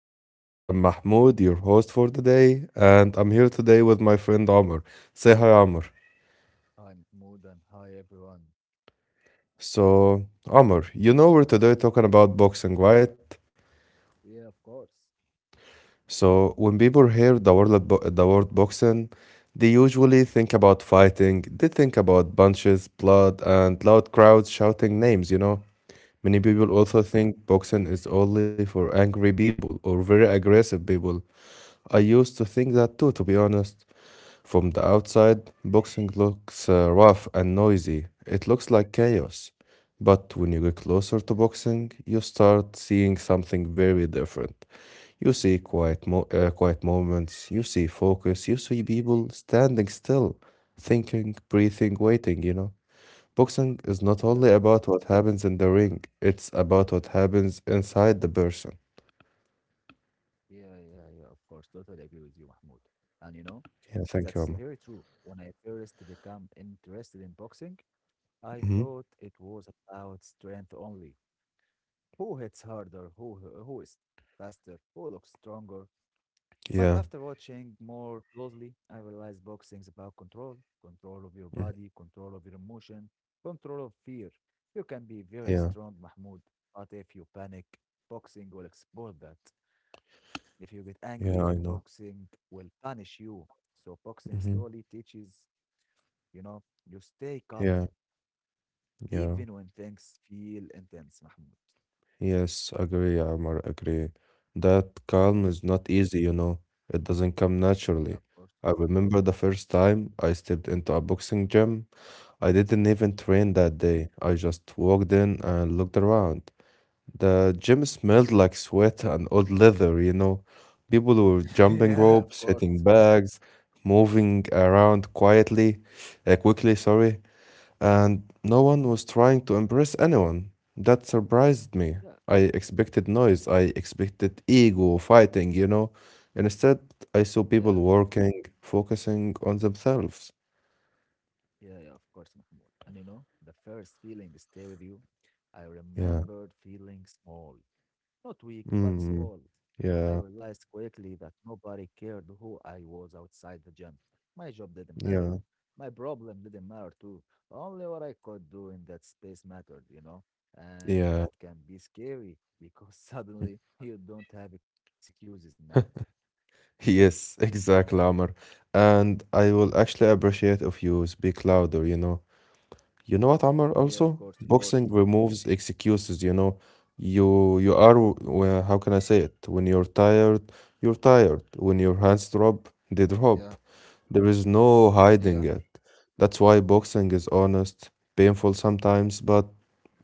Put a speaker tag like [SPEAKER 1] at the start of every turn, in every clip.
[SPEAKER 1] podcast. I'm Mahmoud, your host for the day, and I'm here today with my friend Amr. Say hi, Amr.
[SPEAKER 2] I'm Mahmoud and hi everyone.
[SPEAKER 1] So, Amr, you know we're today talking about boxing, right?
[SPEAKER 2] Yeah, of course.
[SPEAKER 1] So, when people hear the word, the word boxing, they usually think about fighting, they think about punches, blood, and loud crowds shouting names, you know? Many people also
[SPEAKER 2] Yeah,
[SPEAKER 1] think boxing is only for angry people or very aggressive people. I used to think that too, to be honest. From the outside, boxing looks rough and noisy. It looks like chaos. But when you get
[SPEAKER 2] yeah,
[SPEAKER 1] closer to boxing, you start seeing something very different. You see quiet, quiet moments, you see focus, you see people standing still, thinking, breathing, waiting, you know. Boxing is
[SPEAKER 2] yeah,
[SPEAKER 1] not
[SPEAKER 2] of
[SPEAKER 1] only
[SPEAKER 2] course.
[SPEAKER 1] about what happens in the ring, it's about what happens inside the person.
[SPEAKER 2] Yeah, yeah, yeah, of course. Totally agree with you, Mahmoud. And
[SPEAKER 1] Yeah, thank
[SPEAKER 2] that's
[SPEAKER 1] you, Amma.
[SPEAKER 2] very true. When I first became interested in boxing, I
[SPEAKER 1] Hmm.
[SPEAKER 2] thought it was about strength only. Who hits harder, who is faster, who looks stronger. But after
[SPEAKER 1] Yeah,
[SPEAKER 2] watching more closely, I realized boxing is about control, control of your
[SPEAKER 1] mhm,
[SPEAKER 2] body, control of your emotion, control of fear. You can be very
[SPEAKER 1] yeah,
[SPEAKER 2] strong, Mahmoud, but if you panic, boxing will expose that. If you get angry,
[SPEAKER 1] yeah, I know.
[SPEAKER 2] boxing will punish you. So, boxing
[SPEAKER 1] Hmm.
[SPEAKER 2] slowly teaches you know, you stay calm
[SPEAKER 1] Yeah, yeah.
[SPEAKER 2] even when things feel intense, Mahmoud.
[SPEAKER 1] Yes, agree, Amar, agree. That calm
[SPEAKER 2] Thank
[SPEAKER 1] is
[SPEAKER 2] you.
[SPEAKER 1] not easy, you know. It doesn't come
[SPEAKER 2] Yeah,
[SPEAKER 1] naturally.
[SPEAKER 2] of course.
[SPEAKER 1] I remember the first time I stepped into a boxing gym. I didn't even train
[SPEAKER 2] Yeah.
[SPEAKER 1] that day. I just walked in and looked around. The gym smelled like sweat and old leather, you know. People were jumping
[SPEAKER 2] Yeah, of
[SPEAKER 1] ropes,
[SPEAKER 2] course.
[SPEAKER 1] hitting bags, moving around quietly, quickly, sorry, and no one was trying to impress anyone. That surprised me.
[SPEAKER 2] Yeah.
[SPEAKER 1] I expected noise, I expected ego fighting, you know. Instead, I saw
[SPEAKER 2] Yeah.
[SPEAKER 1] people working, focusing on themselves.
[SPEAKER 2] Yeah, yeah, of course, Mahmoud. And the first feeling stay with you. I
[SPEAKER 1] Yeah.
[SPEAKER 2] remembered feeling small, not weak, but
[SPEAKER 1] Mm.
[SPEAKER 2] small. I
[SPEAKER 1] Yeah.
[SPEAKER 2] realized quickly that nobody cared who I was outside the gym. My job didn't matter.
[SPEAKER 1] Yeah.
[SPEAKER 2] My problem didn't matter too. Only what I could do in that space mattered, you know? And
[SPEAKER 1] Yeah.
[SPEAKER 2] that can be scary because suddenly you don't have excuses now.
[SPEAKER 1] Yes, exactly, Amr. And I will actually appreciate if you speak louder, you know. You know what, Amr,
[SPEAKER 2] Yeah, of
[SPEAKER 1] also?
[SPEAKER 2] course, of course.
[SPEAKER 1] Boxing removes excuses, you know. You are, well, how can I say it? When you're tired, you're tired. When your hands drop, they
[SPEAKER 2] Yeah,
[SPEAKER 1] drop. There is no
[SPEAKER 2] yeah,
[SPEAKER 1] hiding it. That's why boxing is honest, painful sometimes, but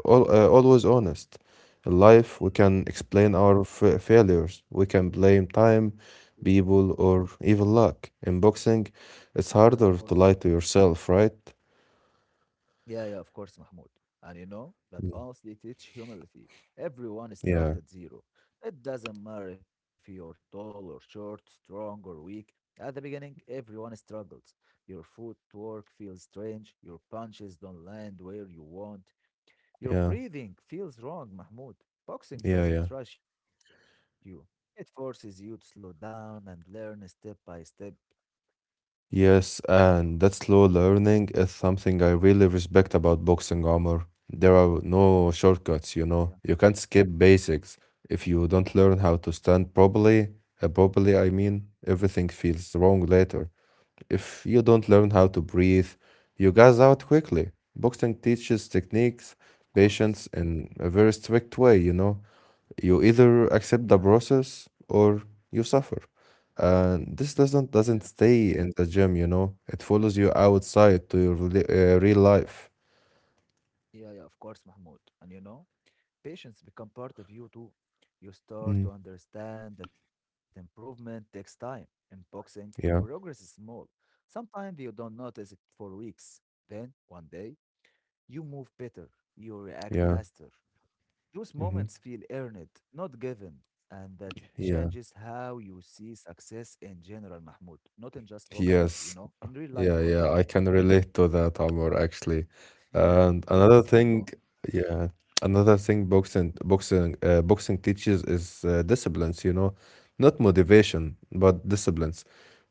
[SPEAKER 1] always honest. In life, we can
[SPEAKER 2] mm,
[SPEAKER 1] explain our failures. We can blame time,
[SPEAKER 2] yeah,
[SPEAKER 1] people, or even luck. In boxing, it's
[SPEAKER 2] yeah, of
[SPEAKER 1] harder
[SPEAKER 2] course.
[SPEAKER 1] to lie to yourself, right?
[SPEAKER 2] Yeah, yeah, of course, Mahmoud. And that
[SPEAKER 1] Mm.
[SPEAKER 2] also they teach humility. Everyone starts
[SPEAKER 1] Yeah,
[SPEAKER 2] at zero. It doesn't matter if you're tall or short, strong or weak. At the beginning, everyone struggles. Your footwork feels strange. Your punches don't land where you want. Your
[SPEAKER 1] yeah.
[SPEAKER 2] breathing feels wrong, Mahmoud. Boxing
[SPEAKER 1] Yeah, yeah.
[SPEAKER 2] doesn't rush you. It forces you to slow down and learn step by step.
[SPEAKER 1] Yes, and that slow learning is something I really respect about boxing, armor. There are no
[SPEAKER 2] Yeah,
[SPEAKER 1] shortcuts, you know. You can't skip basics. If you don't learn how to stand properly, properly I mean, everything feels wrong later. If you don't learn how to breathe, you gas out quickly. Boxing teaches
[SPEAKER 2] of
[SPEAKER 1] techniques,
[SPEAKER 2] course.
[SPEAKER 1] patience in a very strict way, you know. You either
[SPEAKER 2] Yeah,
[SPEAKER 1] accept the process or you suffer, and this doesn't
[SPEAKER 2] yeah,
[SPEAKER 1] doesn't stay in the gym, you know. It follows you outside to your real life.
[SPEAKER 2] yeah, yeah, of course, Mahmoud. And patience become part of you too. You start
[SPEAKER 1] Mm,
[SPEAKER 2] to understand that improvement takes time. In boxing, progress is
[SPEAKER 1] yeah,
[SPEAKER 2] small. Sometimes you don't notice it for weeks. Then, one day, you move better. You react
[SPEAKER 1] yeah.
[SPEAKER 2] faster. Those
[SPEAKER 1] Hmm.
[SPEAKER 2] moments feel earned, not given. And that
[SPEAKER 1] Yeah,
[SPEAKER 2] changes how you see success in general, Mahmoud. Not in just boxing,
[SPEAKER 1] yes,
[SPEAKER 2] in real
[SPEAKER 1] yeah,
[SPEAKER 2] life
[SPEAKER 1] yeah, I
[SPEAKER 2] also.
[SPEAKER 1] can relate to that, Amor, actually.
[SPEAKER 2] Yeah,
[SPEAKER 1] And
[SPEAKER 2] of
[SPEAKER 1] another
[SPEAKER 2] course, I
[SPEAKER 1] thing,
[SPEAKER 2] know.
[SPEAKER 1] yeah, another thing boxing teaches is disciplines, you know, not motivation, but
[SPEAKER 2] Mm,
[SPEAKER 1] disciplines.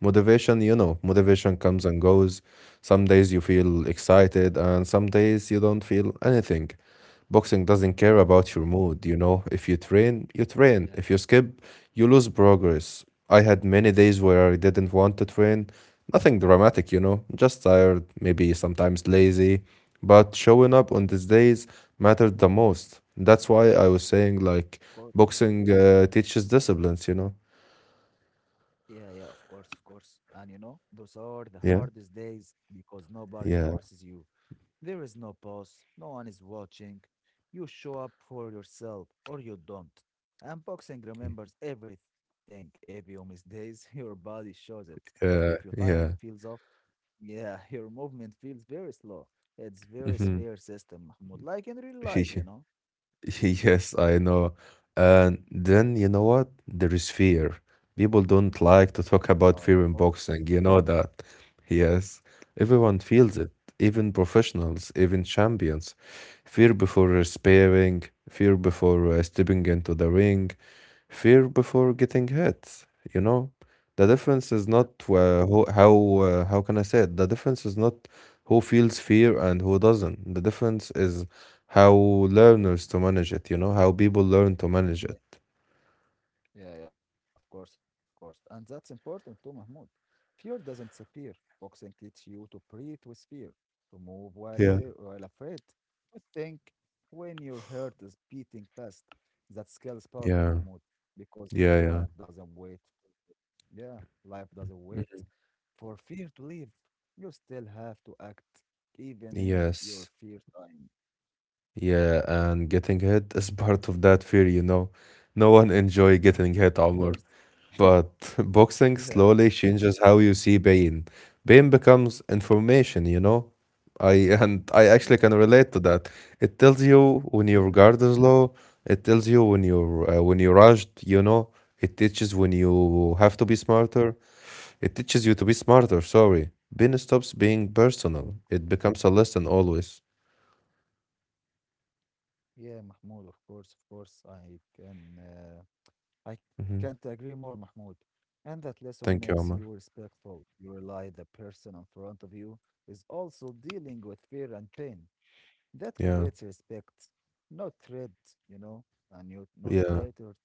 [SPEAKER 1] Motivation, you know,
[SPEAKER 2] yeah,
[SPEAKER 1] motivation comes and goes. Some days you feel excited and some days you don't feel anything. Boxing doesn't care
[SPEAKER 2] yeah, of
[SPEAKER 1] about
[SPEAKER 2] course.
[SPEAKER 1] your mood, you know. If you train, you train.
[SPEAKER 2] Yeah,
[SPEAKER 1] If
[SPEAKER 2] of
[SPEAKER 1] you skip, you lose progress. I had many days where I didn't want to train. Nothing dramatic, you know, just tired, maybe sometimes lazy. But showing up on these days mattered the most. That's why I was saying,
[SPEAKER 2] course.
[SPEAKER 1] like, boxing teaches disciplines, you know?
[SPEAKER 2] Yeah, yeah, of course, of course. And those are the
[SPEAKER 1] Yeah,
[SPEAKER 2] hardest days because nobody
[SPEAKER 1] yeah,
[SPEAKER 2] forces you. There is no boss, no one is watching. You show up for yourself or you don't. And boxing
[SPEAKER 1] y-
[SPEAKER 2] remembers everything. If you miss days, your body shows it. If your timing
[SPEAKER 1] yeah.
[SPEAKER 2] feels off, yeah, your movement feels very slow. It's very
[SPEAKER 1] Mm-hmm.
[SPEAKER 2] fair system, Mahmoud, like in real
[SPEAKER 1] Yeah.
[SPEAKER 2] life,
[SPEAKER 1] Hmm.
[SPEAKER 2] you know?
[SPEAKER 1] Yes, I know. And then you know what? There is fear. People don't like to
[SPEAKER 2] Yeah,
[SPEAKER 1] talk
[SPEAKER 2] of
[SPEAKER 1] about fear
[SPEAKER 2] course.
[SPEAKER 1] in boxing. You know that. Yes,
[SPEAKER 2] Yeah, of
[SPEAKER 1] everyone
[SPEAKER 2] course.
[SPEAKER 1] feels it, even professionals, even champions. Fear before sparring, fear before stepping into the ring, fear before getting hit. You know, the difference
[SPEAKER 2] Yeah.
[SPEAKER 1] is not who, how can I say it? The difference is not who feels fear and who doesn't. The difference is how learners to manage it, you know, how people learn to manage it.
[SPEAKER 2] Yeah, yeah, of course, of course. And that's important too, Mahmoud. Fear doesn't disappear. Boxing teaches you to breathe with fear, to move
[SPEAKER 1] Yeah.
[SPEAKER 2] while afraid, to think when your heart is beating fast. That skill is powerful,
[SPEAKER 1] Yeah,
[SPEAKER 2] Mahmoud, because life
[SPEAKER 1] yeah, yeah.
[SPEAKER 2] doesn't wait. Yeah, life doesn't wait
[SPEAKER 1] Mhm.
[SPEAKER 2] for fear to leave. You still have to act, even in your
[SPEAKER 1] Yes.
[SPEAKER 2] fear time.
[SPEAKER 1] Yeah, and getting hit is part of that fear, you know. No one enjoy
[SPEAKER 2] Of
[SPEAKER 1] getting hit,
[SPEAKER 2] course.
[SPEAKER 1] Omar. But
[SPEAKER 2] Yeah,
[SPEAKER 1] boxing slowly changes how you see pain. Pain becomes information, you know. I and I
[SPEAKER 2] yeah,
[SPEAKER 1] actually can relate to that. It tells you when your
[SPEAKER 2] yeah,
[SPEAKER 1] guard is low. It tells you when you're rushed, you know. It teaches when you have to be smarter. It teaches you to be smarter, sorry. Pain stops being
[SPEAKER 2] yeah, of
[SPEAKER 1] personal. It
[SPEAKER 2] course.
[SPEAKER 1] becomes a lesson always.
[SPEAKER 2] Yeah, Mahmoud, of course, I can't
[SPEAKER 1] Mhm.
[SPEAKER 2] agree more, Mahmoud. And that lesson makes
[SPEAKER 1] Thank you,
[SPEAKER 2] you
[SPEAKER 1] Omar.
[SPEAKER 2] respectful. You realize the person in front of you is also dealing with fear and pain. That
[SPEAKER 1] Yeah,
[SPEAKER 2] creates respect, not dread, you know, and you not
[SPEAKER 1] yeah,
[SPEAKER 2] hatred.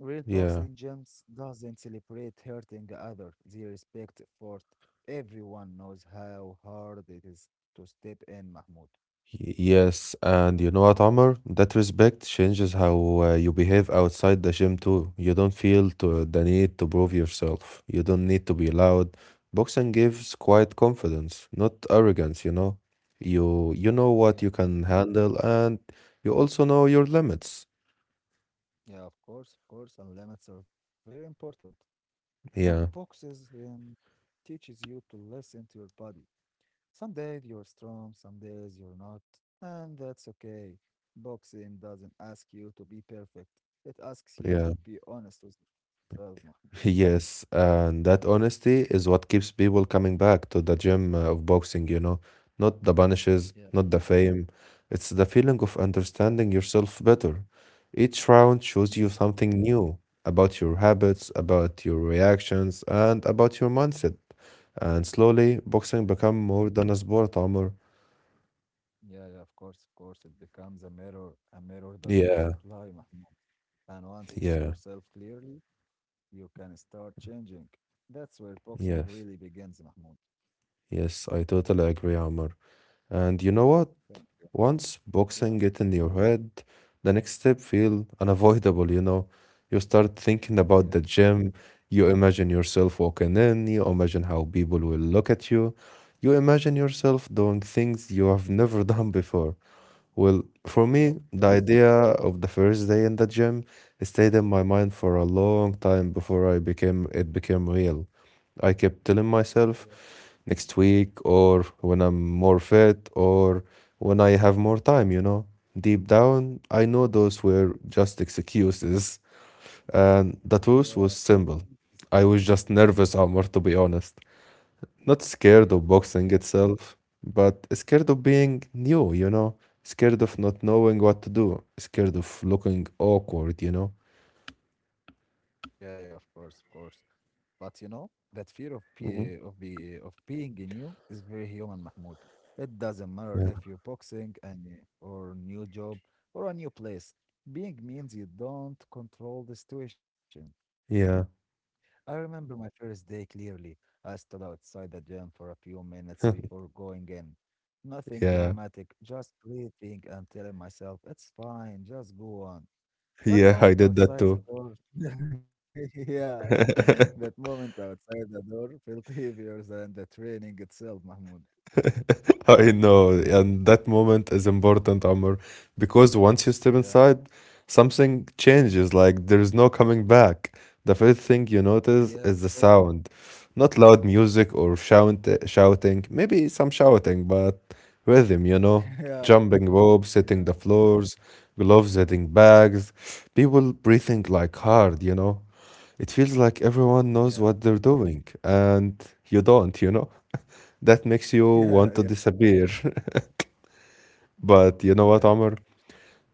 [SPEAKER 2] Real
[SPEAKER 1] yeah.
[SPEAKER 2] boxing gyms doesn't celebrate hurting the other. They respect effort. Everyone knows how hard it is to step in, Mahmoud.
[SPEAKER 1] Yes, and you know what, Omar? That respect changes how you behave outside the gym too. You don't feel to, the need
[SPEAKER 2] Yeah,
[SPEAKER 1] to prove yourself. You don't need to be loud. Boxing gives quiet confidence, not arrogance, you know. You know
[SPEAKER 2] yeah.
[SPEAKER 1] what you can handle and you also know your limits.
[SPEAKER 2] Yeah, of course, and limits are very important. You know,
[SPEAKER 1] Yeah,
[SPEAKER 2] boxes teaches you to listen to your body. Some days you're strong, some days you're not, and that's okay. Boxing doesn't ask you to be perfect. It asks you to
[SPEAKER 1] yeah.
[SPEAKER 2] be honest with yourself, Mahmoud.
[SPEAKER 1] Yes, and that honesty is what keeps people coming back to the gym of boxing, you know. Not the punishes,
[SPEAKER 2] Yeah,
[SPEAKER 1] not the fame. It's the feeling of understanding yourself better. Each round shows you
[SPEAKER 2] yeah,
[SPEAKER 1] something new about your habits, about your reactions, and about your mindset. And slowly,
[SPEAKER 2] yeah,
[SPEAKER 1] boxing become more than a sport, Amr.
[SPEAKER 2] yeah, yeah. Of course, it becomes a mirror that
[SPEAKER 1] Yeah,
[SPEAKER 2] doesn't lie, Mahmoud. And once you see
[SPEAKER 1] yeah,
[SPEAKER 2] yourself clearly, you can start changing. That's where boxing really
[SPEAKER 1] yes,
[SPEAKER 2] begins, Mahmoud.
[SPEAKER 1] yes, I totally agree, Amr. And you know what?
[SPEAKER 2] Thank you.
[SPEAKER 1] Once boxing
[SPEAKER 2] Yeah,
[SPEAKER 1] get in your head, the next step feel unavoidable, you know. You start thinking about
[SPEAKER 2] yeah,
[SPEAKER 1] the gym, you imagine yourself walking in, you imagine how people will look at you, you imagine yourself doing things you have never done before. Well, for
[SPEAKER 2] yeah, of
[SPEAKER 1] me, the
[SPEAKER 2] course.
[SPEAKER 1] idea of the first day in the gym stayed in my mind for a long time before I became it became real. I kept telling
[SPEAKER 2] Yeah,
[SPEAKER 1] myself next week, or when I'm more fit, or when I have more time, you know. Deep down, I know
[SPEAKER 2] yeah,
[SPEAKER 1] those were just excuses, and the
[SPEAKER 2] yeah,
[SPEAKER 1] truth was simple.
[SPEAKER 2] Jesus, yeah,
[SPEAKER 1] I was just nervous,
[SPEAKER 2] mm,
[SPEAKER 1] Amr, to be honest, not
[SPEAKER 2] yeah,
[SPEAKER 1] scared
[SPEAKER 2] of
[SPEAKER 1] of
[SPEAKER 2] course.
[SPEAKER 1] boxing itself, but scared of being new, you know, scared of not knowing what to do, scared of looking awkward, you know?
[SPEAKER 2] Yeah, yeah, of course, of course. But that fear of be,
[SPEAKER 1] Mhm.
[SPEAKER 2] of be, of being new is very human, Mahmoud. It doesn't matter
[SPEAKER 1] Yeah.
[SPEAKER 2] if you're boxing and or new job or a new place. Being means you don't control the situation.
[SPEAKER 1] Yeah.
[SPEAKER 2] I remember my first day clearly. I stood outside the gym for a few minutes before going in. Nothing
[SPEAKER 1] Yeah.
[SPEAKER 2] dramatic, just breathing and telling myself, it's fine, just go on. That
[SPEAKER 1] Yeah, I
[SPEAKER 2] moment
[SPEAKER 1] did that
[SPEAKER 2] outside the
[SPEAKER 1] too.
[SPEAKER 2] door, yeah, that moment outside the door felt heavier than the training itself, Mahmoud.
[SPEAKER 1] I know, and that moment is important, Amr, because once you step
[SPEAKER 2] Yeah,
[SPEAKER 1] inside, something changes. Like there's no coming back. The first thing you
[SPEAKER 2] yeah, of
[SPEAKER 1] notice
[SPEAKER 2] course.
[SPEAKER 1] is the sound, not loud music or shouting. Maybe some shouting, but rhythm. You know,
[SPEAKER 2] Yeah,
[SPEAKER 1] jumping ropes, hitting
[SPEAKER 2] yeah,
[SPEAKER 1] the floors, gloves hitting bags, people breathing like hard. You know, it feels like
[SPEAKER 2] yeah,
[SPEAKER 1] everyone knows what they're doing, and you don't. You know that makes you
[SPEAKER 2] yeah, yeah,
[SPEAKER 1] want to disappear. But you know what,
[SPEAKER 2] yeah, of
[SPEAKER 1] Omar?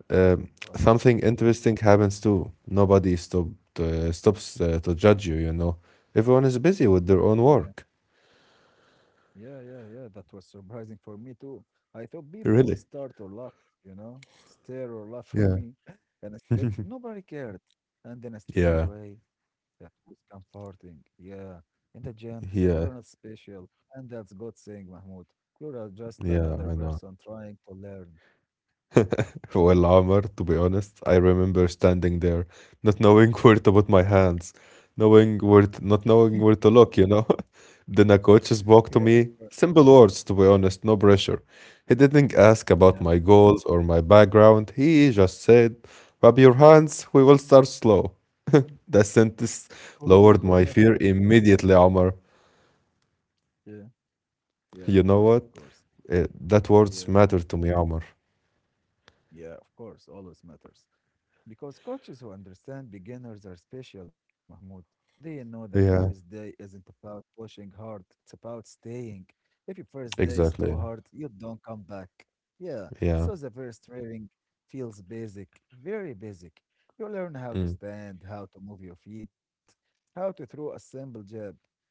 [SPEAKER 1] Um,
[SPEAKER 2] course, Mahmoud.
[SPEAKER 1] Something interesting happens too. Stops to judge you, you know. Everyone is busy with their
[SPEAKER 2] Yeah.
[SPEAKER 1] own work.
[SPEAKER 2] Yeah, yeah, yeah. That was surprising for me too. I thought people would
[SPEAKER 1] Really?
[SPEAKER 2] start or laugh, stare or laugh for
[SPEAKER 1] Yeah.
[SPEAKER 2] me. And instead, nobody cared. And in a strange
[SPEAKER 1] Yeah.
[SPEAKER 2] way, that was comforting. Yeah. In the gym, you're not
[SPEAKER 1] Yeah.
[SPEAKER 2] special. And that's God saying, Mahmoud, you're just
[SPEAKER 1] Yeah,
[SPEAKER 2] another
[SPEAKER 1] I know.
[SPEAKER 2] person trying to learn.
[SPEAKER 1] Well, Amar, to be honest, I remember standing there, not knowing where to put my hands, not knowing where to look, you know. Then a coach spoke
[SPEAKER 2] Yeah,
[SPEAKER 1] to
[SPEAKER 2] of
[SPEAKER 1] me,
[SPEAKER 2] course.
[SPEAKER 1] simple words, to be honest, no pressure. He didn't ask about
[SPEAKER 2] Yeah.
[SPEAKER 1] my goals or my background. He just said, "Rub your hands. We will start slow." That sentence
[SPEAKER 2] Oh,
[SPEAKER 1] lowered my fear immediately, Amar.
[SPEAKER 2] yeah, yeah, of
[SPEAKER 1] You know
[SPEAKER 2] course, of
[SPEAKER 1] what?
[SPEAKER 2] course. Uh,
[SPEAKER 1] That words
[SPEAKER 2] Yeah,
[SPEAKER 1] matter to me, Amar.
[SPEAKER 2] yeah, of course, always matters. Because coaches who understand beginners are special, Mahmoud. They know the first
[SPEAKER 1] Yeah,
[SPEAKER 2] day isn't about pushing hard, it's about staying. If your first day is
[SPEAKER 1] exactly.
[SPEAKER 2] too
[SPEAKER 1] Yeah.
[SPEAKER 2] hard, you don't come back. Yeah,
[SPEAKER 1] Yeah.
[SPEAKER 2] so the first training feels basic, very basic. You learn how to
[SPEAKER 1] Mm.
[SPEAKER 2] stand, how to move your feet, how to throw a simple jab,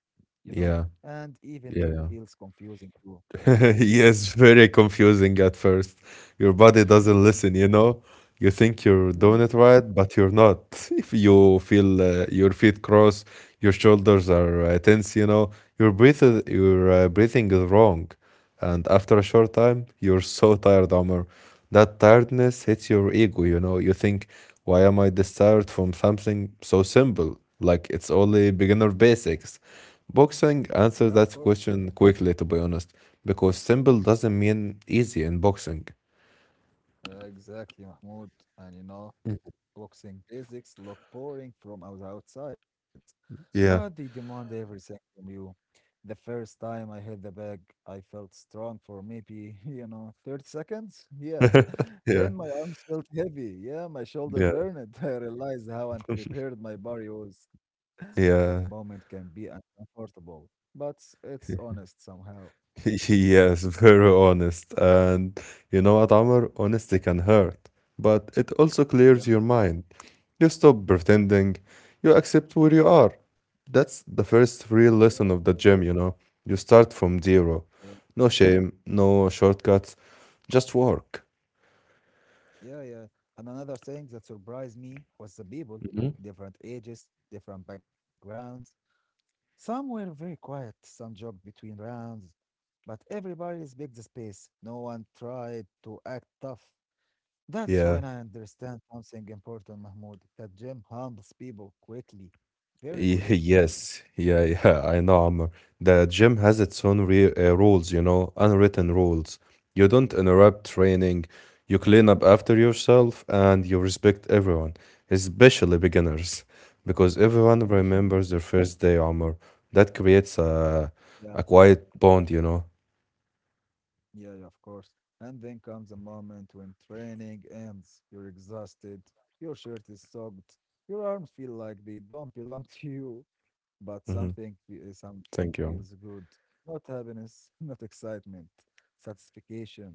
[SPEAKER 2] you know?
[SPEAKER 1] Yeah.
[SPEAKER 2] And even that
[SPEAKER 1] Yeah. Yeah.
[SPEAKER 2] feels confusing too.
[SPEAKER 1] Yes, very confusing at first. Your body doesn't listen, you know? You think you're doing
[SPEAKER 2] Mm,
[SPEAKER 1] it right, but you're not. If you feel your feet cross, your shoulders are tense, you know, your breathing is wrong. And after a short time, you're so tired, Omar. That tiredness hits your ego, you know. You think, why am I this tired from something so simple? Like it's only beginner
[SPEAKER 2] yeah,
[SPEAKER 1] basics. Boxing
[SPEAKER 2] yeah, of
[SPEAKER 1] answers
[SPEAKER 2] course.
[SPEAKER 1] that question quickly, to be honest, because simple doesn't mean easy in boxing.
[SPEAKER 2] Exactly, Mahmoud. And boxing basics look boring from outside, but they
[SPEAKER 1] Yeah.
[SPEAKER 2] demand everything from you. The first time I hit the bag, I felt strong for maybe, 30 seconds. Yeah.
[SPEAKER 1] Yeah.
[SPEAKER 2] Then my arms felt heavy. Yeah, my shoulder
[SPEAKER 1] Yeah.
[SPEAKER 2] burned. I realized how unprepared my body was. That
[SPEAKER 1] Yeah.
[SPEAKER 2] moment can be uncomfortable, but it's honest somehow.
[SPEAKER 1] Yes, very honest. And you know what,
[SPEAKER 2] Yeah.
[SPEAKER 1] Amr? Honesty can hurt, but it also clears
[SPEAKER 2] Yeah.
[SPEAKER 1] your mind. You stop pretending, you accept where you are. That's the first real
[SPEAKER 2] Yeah, of
[SPEAKER 1] lesson
[SPEAKER 2] course.
[SPEAKER 1] of the gym, you know? You start from zero. No shame, no shortcuts, just work.
[SPEAKER 2] Yeah, yeah. And another thing that surprised me was the people, different ages, different backgrounds. Some were very quiet, some jogged between rounds, but everybody respected the space. No one tried to act tough. That's
[SPEAKER 1] Yeah.
[SPEAKER 2] when I understand something important, Mahmoud, that gym humbles people quickly, very quickly.
[SPEAKER 1] Yes, yeah, yeah, I know, Amr. The gym has its own re rules, you know, unwritten rules. You don't interrupt training, you clean up after yourself, and you respect everyone, especially beginners, because everyone remembers their first day, Amr. That creates
[SPEAKER 2] Yeah.
[SPEAKER 1] a quiet bond, you know.
[SPEAKER 2] Yeah, yeah, of course. And then comes a moment when training ends. You're exhausted, your shirt is soaked, your arms feel like they don't belong to you, but
[SPEAKER 1] Hmm.
[SPEAKER 2] something
[SPEAKER 1] Thank you, Amr.
[SPEAKER 2] feels good. Not happiness, not excitement, satisfaction.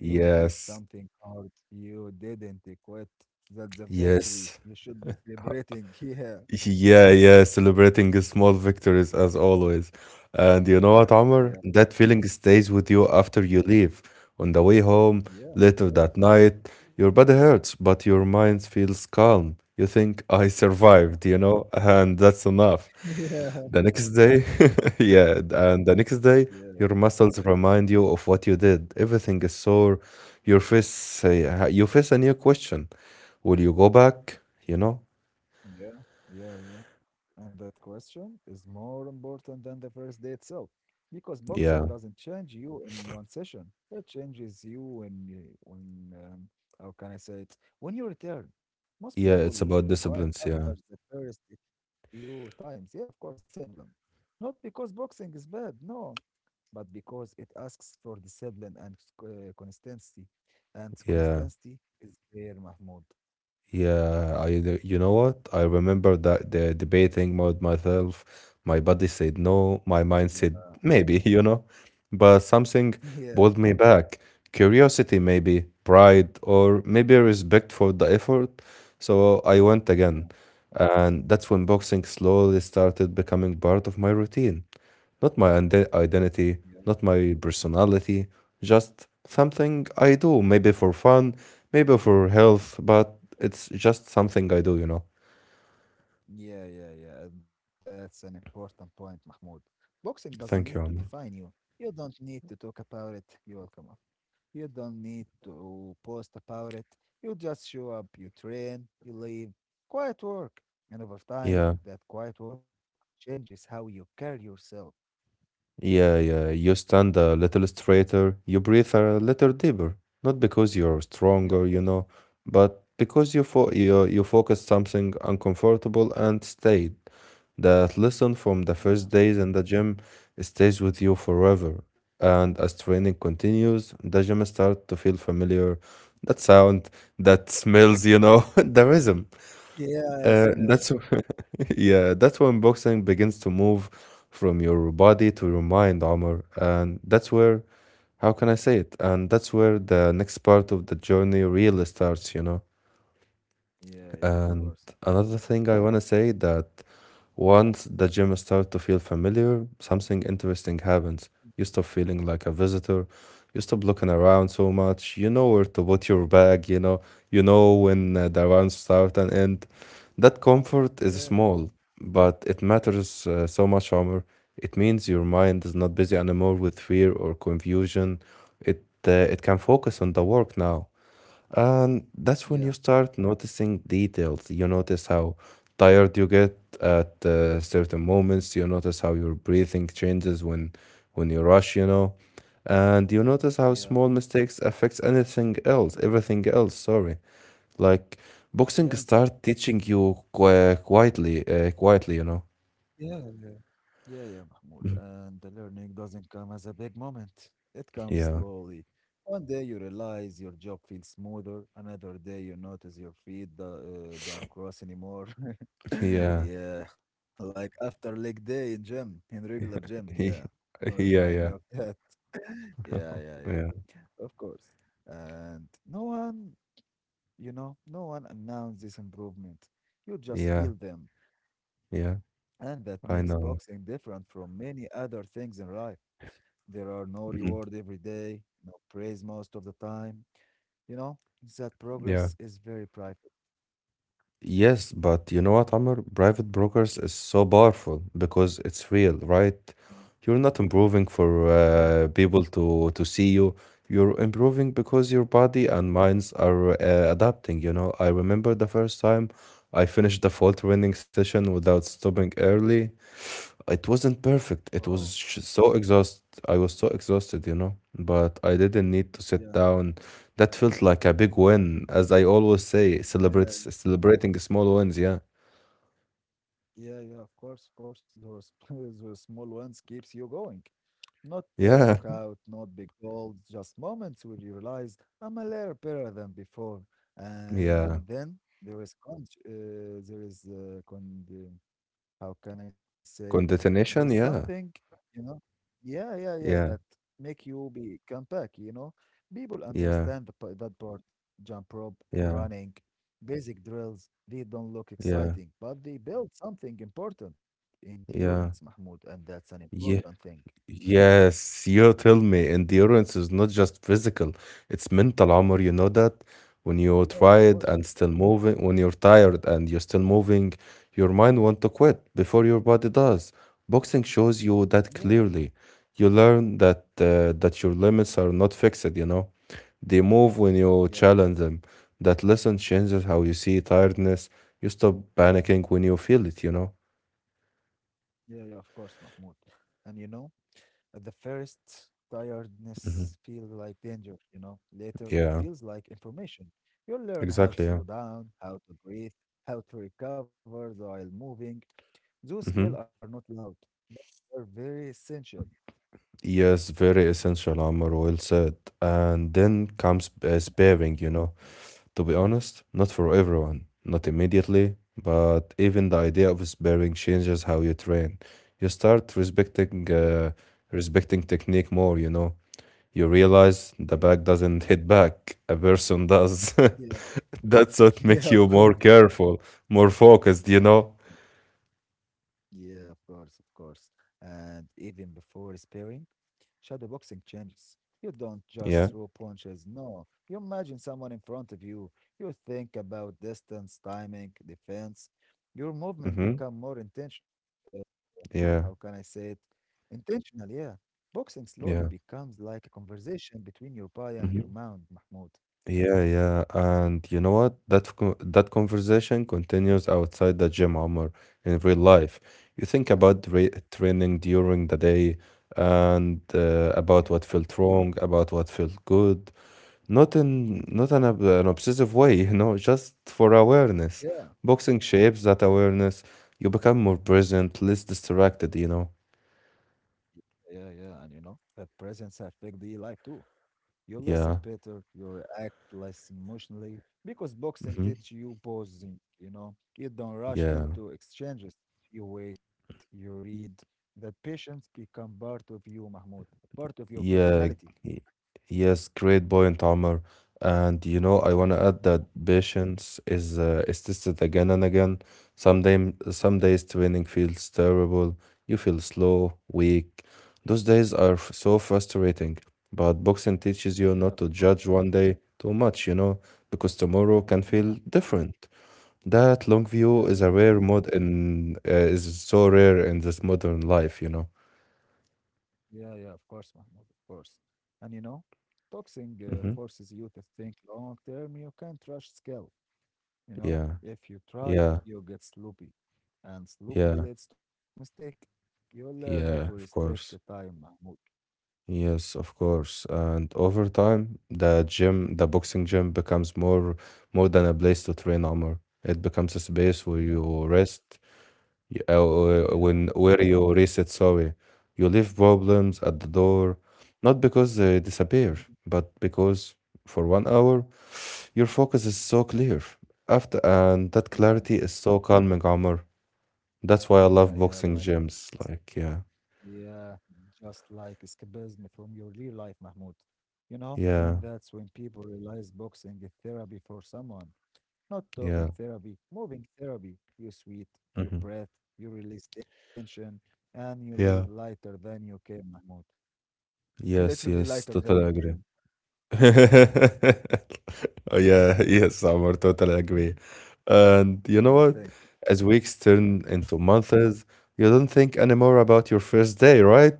[SPEAKER 2] You did something hard. You didn't quit. That's a victory.
[SPEAKER 1] yes.
[SPEAKER 2] You should be celebrating. Yeah,
[SPEAKER 1] Yeah, yeah, celebrating the small victories as always. And you
[SPEAKER 2] yeah,
[SPEAKER 1] know what,
[SPEAKER 2] yeah,
[SPEAKER 1] Omar? That feeling stays with
[SPEAKER 2] but
[SPEAKER 1] you after you leave. On the way home,
[SPEAKER 2] yeah, of
[SPEAKER 1] later that
[SPEAKER 2] course.
[SPEAKER 1] night, your body hurts, but your mind feels calm. You think, I
[SPEAKER 2] Yeah,
[SPEAKER 1] survived, you know, and that's enough.
[SPEAKER 2] yeah,
[SPEAKER 1] The next day, yeah, and the next day,
[SPEAKER 2] yeah.
[SPEAKER 1] your muscles remind you of what you did. Everything is sore. You face a new question. Will you go back? You know?
[SPEAKER 2] Yeah, yeah, yeah. And that question is more important than the first day itself because boxing
[SPEAKER 1] Yeah.
[SPEAKER 2] doesn't change you in one session. It changes you when, how can I say it? When you return. Most
[SPEAKER 1] Yeah,
[SPEAKER 2] people
[SPEAKER 1] it's about
[SPEAKER 2] quit
[SPEAKER 1] disciplines. Yeah,
[SPEAKER 2] after the first few times. Yeah, of course, discipline. Not because boxing is bad, no, but because it asks for discipline and consistency. And
[SPEAKER 1] yeah,
[SPEAKER 2] consistency is rare, Mahmoud.
[SPEAKER 1] yeah. You know what? I remember that the debating mode myself. My body said no, my mind
[SPEAKER 2] Yeah,
[SPEAKER 1] said maybe, you know, but something pulled
[SPEAKER 2] yeah,
[SPEAKER 1] me back. Curiosity, maybe pride, or maybe respect for the effort. So I went again,
[SPEAKER 2] yeah.
[SPEAKER 1] and that's when boxing slowly started becoming part of my routine. Not my identity,
[SPEAKER 2] Yeah.
[SPEAKER 1] not my personality, just something I do, maybe for fun, maybe for health, but it's just something I do, you know.
[SPEAKER 2] Yeah, yeah, yeah. That's an important point, Mahmoud. Boxing doesn't need to
[SPEAKER 1] Thank you, Amr.
[SPEAKER 2] define you. You don't need to talk about it. You will come up. You don't need to post about it. You just show up, you train, you leave. Quiet work. And over time,
[SPEAKER 1] Yeah.
[SPEAKER 2] that quiet work changes how you carry yourself.
[SPEAKER 1] Yeah, yeah. You stand a little straighter, you breathe a little deeper. Not because you're
[SPEAKER 2] Yeah, of
[SPEAKER 1] stronger, you
[SPEAKER 2] course.
[SPEAKER 1] know, but because you fo you you focus something uncomfortable and stayed. That lesson from
[SPEAKER 2] Yeah.
[SPEAKER 1] the first days in the gym stays with you forever. And as training continues, the gym starts to feel familiar. That sound, that smells, you know, the rhythm.
[SPEAKER 2] Yeah, smells.
[SPEAKER 1] That's yeah, that's when boxing begins to move from your body to your mind, Omar. And that's where, how can I say it? And that's where the next part of the journey really starts, you know.
[SPEAKER 2] Yeah, yeah, of
[SPEAKER 1] And
[SPEAKER 2] course, of course.
[SPEAKER 1] another thing I want to say that once the gym starts to feel familiar, something interesting happens. You stop feeling like a visitor. You stop looking around so much. You know where to put your bag, you know. You know when
[SPEAKER 2] Yeah,
[SPEAKER 1] the rounds start and end. That comfort is
[SPEAKER 2] yeah, yeah,
[SPEAKER 1] small, but it matters so much, Omar. It means your mind is
[SPEAKER 2] yeah,
[SPEAKER 1] not busy anymore with fear or confusion. It can focus on the work now, and that's when
[SPEAKER 2] yeah,
[SPEAKER 1] you start noticing details. You notice how tired you get at certain moments. You notice how your breathing changes when you rush. You know, and you notice how
[SPEAKER 2] yeah.
[SPEAKER 1] small mistakes affects anything else, everything else. Sorry. Like boxing
[SPEAKER 2] Yeah.
[SPEAKER 1] start teaching you quietly, quietly, you know.
[SPEAKER 2] Yeah, yeah, yeah, yeah, Mahmoud. And the learning doesn't come as a big moment. It comes
[SPEAKER 1] Yeah,
[SPEAKER 2] slowly. One day you realize your job feels smoother. Another day you notice your feet don't cross anymore.
[SPEAKER 1] yeah,
[SPEAKER 2] Yeah, like after leg day in gym, in regular gym. Yeah, don't remind me
[SPEAKER 1] yeah,
[SPEAKER 2] of
[SPEAKER 1] yeah,
[SPEAKER 2] that. Yeah, yeah, yeah, of course. And no one announced this improvement. You just
[SPEAKER 1] yeah,
[SPEAKER 2] feel them.
[SPEAKER 1] yeah.
[SPEAKER 2] And that makes
[SPEAKER 1] I
[SPEAKER 2] boxing
[SPEAKER 1] know.
[SPEAKER 2] different from many other things in life. There are no reward
[SPEAKER 1] Mhm.
[SPEAKER 2] every day, no praise most of the time. You know, that
[SPEAKER 1] Yeah.
[SPEAKER 2] progress is very private.
[SPEAKER 1] Yes, but you know what, Amr? Private brokers is so powerful because it's real, right?
[SPEAKER 2] Yeah.
[SPEAKER 1] You're not improving for
[SPEAKER 2] Yeah,
[SPEAKER 1] people to see you. You're improving because your
[SPEAKER 2] yeah.
[SPEAKER 1] body and minds are adapting, you know. I remember the first time I finished the fault training session without stopping early. It wasn't perfect. It
[SPEAKER 2] Wow.
[SPEAKER 1] was so exhaust. I was so exhausted, you know, but I didn't need to
[SPEAKER 2] Yeah.
[SPEAKER 1] sit down. That felt like a big win, as I always say,
[SPEAKER 2] Yeah,
[SPEAKER 1] celebrate celebrating small wins. Yeah,
[SPEAKER 2] yeah, yeah, of course, of course. Those, those small ones keeps you going. Not
[SPEAKER 1] yeah,
[SPEAKER 2] knockout, not big goals, just moments where you realize I'm a little better than before. And
[SPEAKER 1] yeah.
[SPEAKER 2] then there is con how can I say it? There's
[SPEAKER 1] Condensation.
[SPEAKER 2] something,
[SPEAKER 1] Yeah,
[SPEAKER 2] you know, yeah, yeah, yeah, that
[SPEAKER 1] yeah,
[SPEAKER 2] make you be come back. People
[SPEAKER 1] yeah,
[SPEAKER 2] understand that part, jump rope,
[SPEAKER 1] yeah,
[SPEAKER 2] running, basic drills, they don't look
[SPEAKER 1] yeah,
[SPEAKER 2] exciting, but they build something important, endurance,
[SPEAKER 1] yeah,
[SPEAKER 2] Mahmoud, and that's an important
[SPEAKER 1] yeah.
[SPEAKER 2] thing.
[SPEAKER 1] Yes, you tell me. Endurance is not just physical, it's mental, armor. You know that? When you're
[SPEAKER 2] Yeah, of
[SPEAKER 1] tired
[SPEAKER 2] course.
[SPEAKER 1] and still moving, when you're tired and you're still moving, your mind wants to quit before your body does. Boxing shows you
[SPEAKER 2] Yeah,
[SPEAKER 1] that clearly. You learn that your limits are not fixed, you know? They move when
[SPEAKER 2] yeah,
[SPEAKER 1] you challenge them. That lesson changes how you see tiredness. You stop panicking when you feel it, you know?
[SPEAKER 2] yeah, yeah, of course, Mahmoud. And at the first, tiredness
[SPEAKER 1] Hmm.
[SPEAKER 2] feels like danger, Later, it
[SPEAKER 1] Yeah,
[SPEAKER 2] feels like information. You'll learn how to
[SPEAKER 1] exactly. Yeah.
[SPEAKER 2] slow down, how to breathe, how to recover while moving. Those skills are
[SPEAKER 1] Hmm.
[SPEAKER 2] not loud, but they're very essential.
[SPEAKER 1] Yes, very essential, Amr. Well said. And then comes
[SPEAKER 2] Yeah, thank
[SPEAKER 1] sparing,
[SPEAKER 2] you.
[SPEAKER 1] you know.
[SPEAKER 2] Mahmoud.
[SPEAKER 1] To be honest, not for everyone, not immediately, but even the idea of sparing changes how you train. You start
[SPEAKER 2] Yeah,
[SPEAKER 1] respecting respecting technique more, you know. You realize the
[SPEAKER 2] yeah,
[SPEAKER 1] back doesn't hit back, a person does.
[SPEAKER 2] yeah,
[SPEAKER 1] That's what
[SPEAKER 2] yeah,
[SPEAKER 1] makes
[SPEAKER 2] of
[SPEAKER 1] you more
[SPEAKER 2] course.
[SPEAKER 1] careful, more focused, you know.
[SPEAKER 2] Yeah, of course, of course. And even before sparing, shadowboxing changes. You don't just
[SPEAKER 1] Yeah.
[SPEAKER 2] throw punches, no. You imagine someone in front of you. You think about distance, timing, defense. Your movement
[SPEAKER 1] Mm-hmm.
[SPEAKER 2] become more intentional. How can
[SPEAKER 1] Yeah.
[SPEAKER 2] I say it? Intentional, yeah. Boxing slowly
[SPEAKER 1] Yeah.
[SPEAKER 2] becomes like a conversation between your body and your
[SPEAKER 1] Mm-hmm.
[SPEAKER 2] mind, Mahmoud.
[SPEAKER 1] Yeah, yeah. And you know what? That conversation continues outside the gym, Omar, in real life. You
[SPEAKER 2] Yeah.
[SPEAKER 1] think about re training during the day and
[SPEAKER 2] Yeah.
[SPEAKER 1] about what felt wrong, about what felt good. Not in a, an obsessive way, you know, just for awareness.
[SPEAKER 2] Yeah,
[SPEAKER 1] Boxing shapes that
[SPEAKER 2] yeah,
[SPEAKER 1] awareness. You become more present, less distracted, you know.
[SPEAKER 2] yeah, yeah. And you know, that presence affect the life too. You listen
[SPEAKER 1] Yeah.
[SPEAKER 2] better, you react less emotionally because boxing
[SPEAKER 1] Hmm.
[SPEAKER 2] teaches you pausing. You don't rush
[SPEAKER 1] Yeah.
[SPEAKER 2] into exchanges. You wait, you read. The patience become part of you, Mahmoud, part of your
[SPEAKER 1] Yeah,
[SPEAKER 2] personality.
[SPEAKER 1] y- yes, great point, Omar. And you know, I want
[SPEAKER 2] Thank
[SPEAKER 1] to
[SPEAKER 2] you,
[SPEAKER 1] add that
[SPEAKER 2] Mahmoud.
[SPEAKER 1] patience is tested again and again. Some days training feels terrible. You feel slow, weak. Those days are so frustrating. But boxing teaches
[SPEAKER 2] Yeah,
[SPEAKER 1] you
[SPEAKER 2] of
[SPEAKER 1] not to
[SPEAKER 2] course.
[SPEAKER 1] judge one day too much, you know, because tomorrow can feel
[SPEAKER 2] Yeah,
[SPEAKER 1] different. That long view is a
[SPEAKER 2] yeah,
[SPEAKER 1] rare mod in is so rare in this modern life, you know.
[SPEAKER 2] yeah, yeah, of course, Mahmoud, of course. And you know, boxing
[SPEAKER 1] Hmm.
[SPEAKER 2] forces you to think long term. You can't rush skill.
[SPEAKER 1] Yeah,
[SPEAKER 2] If you try,
[SPEAKER 1] yeah,
[SPEAKER 2] you get sloppy, and sloppy
[SPEAKER 1] yeah.
[SPEAKER 2] leads to mistake. You learn to
[SPEAKER 1] Yeah,
[SPEAKER 2] respect
[SPEAKER 1] of
[SPEAKER 2] the
[SPEAKER 1] course.
[SPEAKER 2] time, Mahmoud.
[SPEAKER 1] Yes, of course. And over time, the gym, the boxing gym becomes more than a place to train armor. It becomes a space where
[SPEAKER 2] Yeah,
[SPEAKER 1] you rest, you,
[SPEAKER 2] yeah,
[SPEAKER 1] when where you reset, sorry. You leave problems at
[SPEAKER 2] yeah,
[SPEAKER 1] the door, not because they disappear,
[SPEAKER 2] mm,
[SPEAKER 1] but because for
[SPEAKER 2] mm,
[SPEAKER 1] one hour, your focus is so
[SPEAKER 2] mm.
[SPEAKER 1] clear. After, and that
[SPEAKER 2] Yeah,
[SPEAKER 1] clarity is so calming, armor. That's why I
[SPEAKER 2] yeah,
[SPEAKER 1] love
[SPEAKER 2] yeah.
[SPEAKER 1] boxing
[SPEAKER 2] Like, it's
[SPEAKER 1] gyms. Like, yeah,
[SPEAKER 2] yeah, just like escapism from your real life, Mahmoud. And
[SPEAKER 1] yeah,
[SPEAKER 2] that's when people realize boxing is therapy for someone, not talking
[SPEAKER 1] yeah.
[SPEAKER 2] therapy, moving therapy. You sweat, you
[SPEAKER 1] Mhm.
[SPEAKER 2] breath, you release tension, and you live
[SPEAKER 1] Yeah.
[SPEAKER 2] lighter than you came, Mahmoud.
[SPEAKER 1] Yes,
[SPEAKER 2] Literally
[SPEAKER 1] yes,
[SPEAKER 2] lighter than you
[SPEAKER 1] totally agree.
[SPEAKER 2] came.
[SPEAKER 1] Oh yeah, yes, Amor, totally agree.
[SPEAKER 2] Mm.
[SPEAKER 1] And you know
[SPEAKER 2] Yeah,
[SPEAKER 1] what?
[SPEAKER 2] thank you.
[SPEAKER 1] As weeks turn
[SPEAKER 2] Mahmoud. Right.
[SPEAKER 1] into months, you don't think anymore about your first day, right?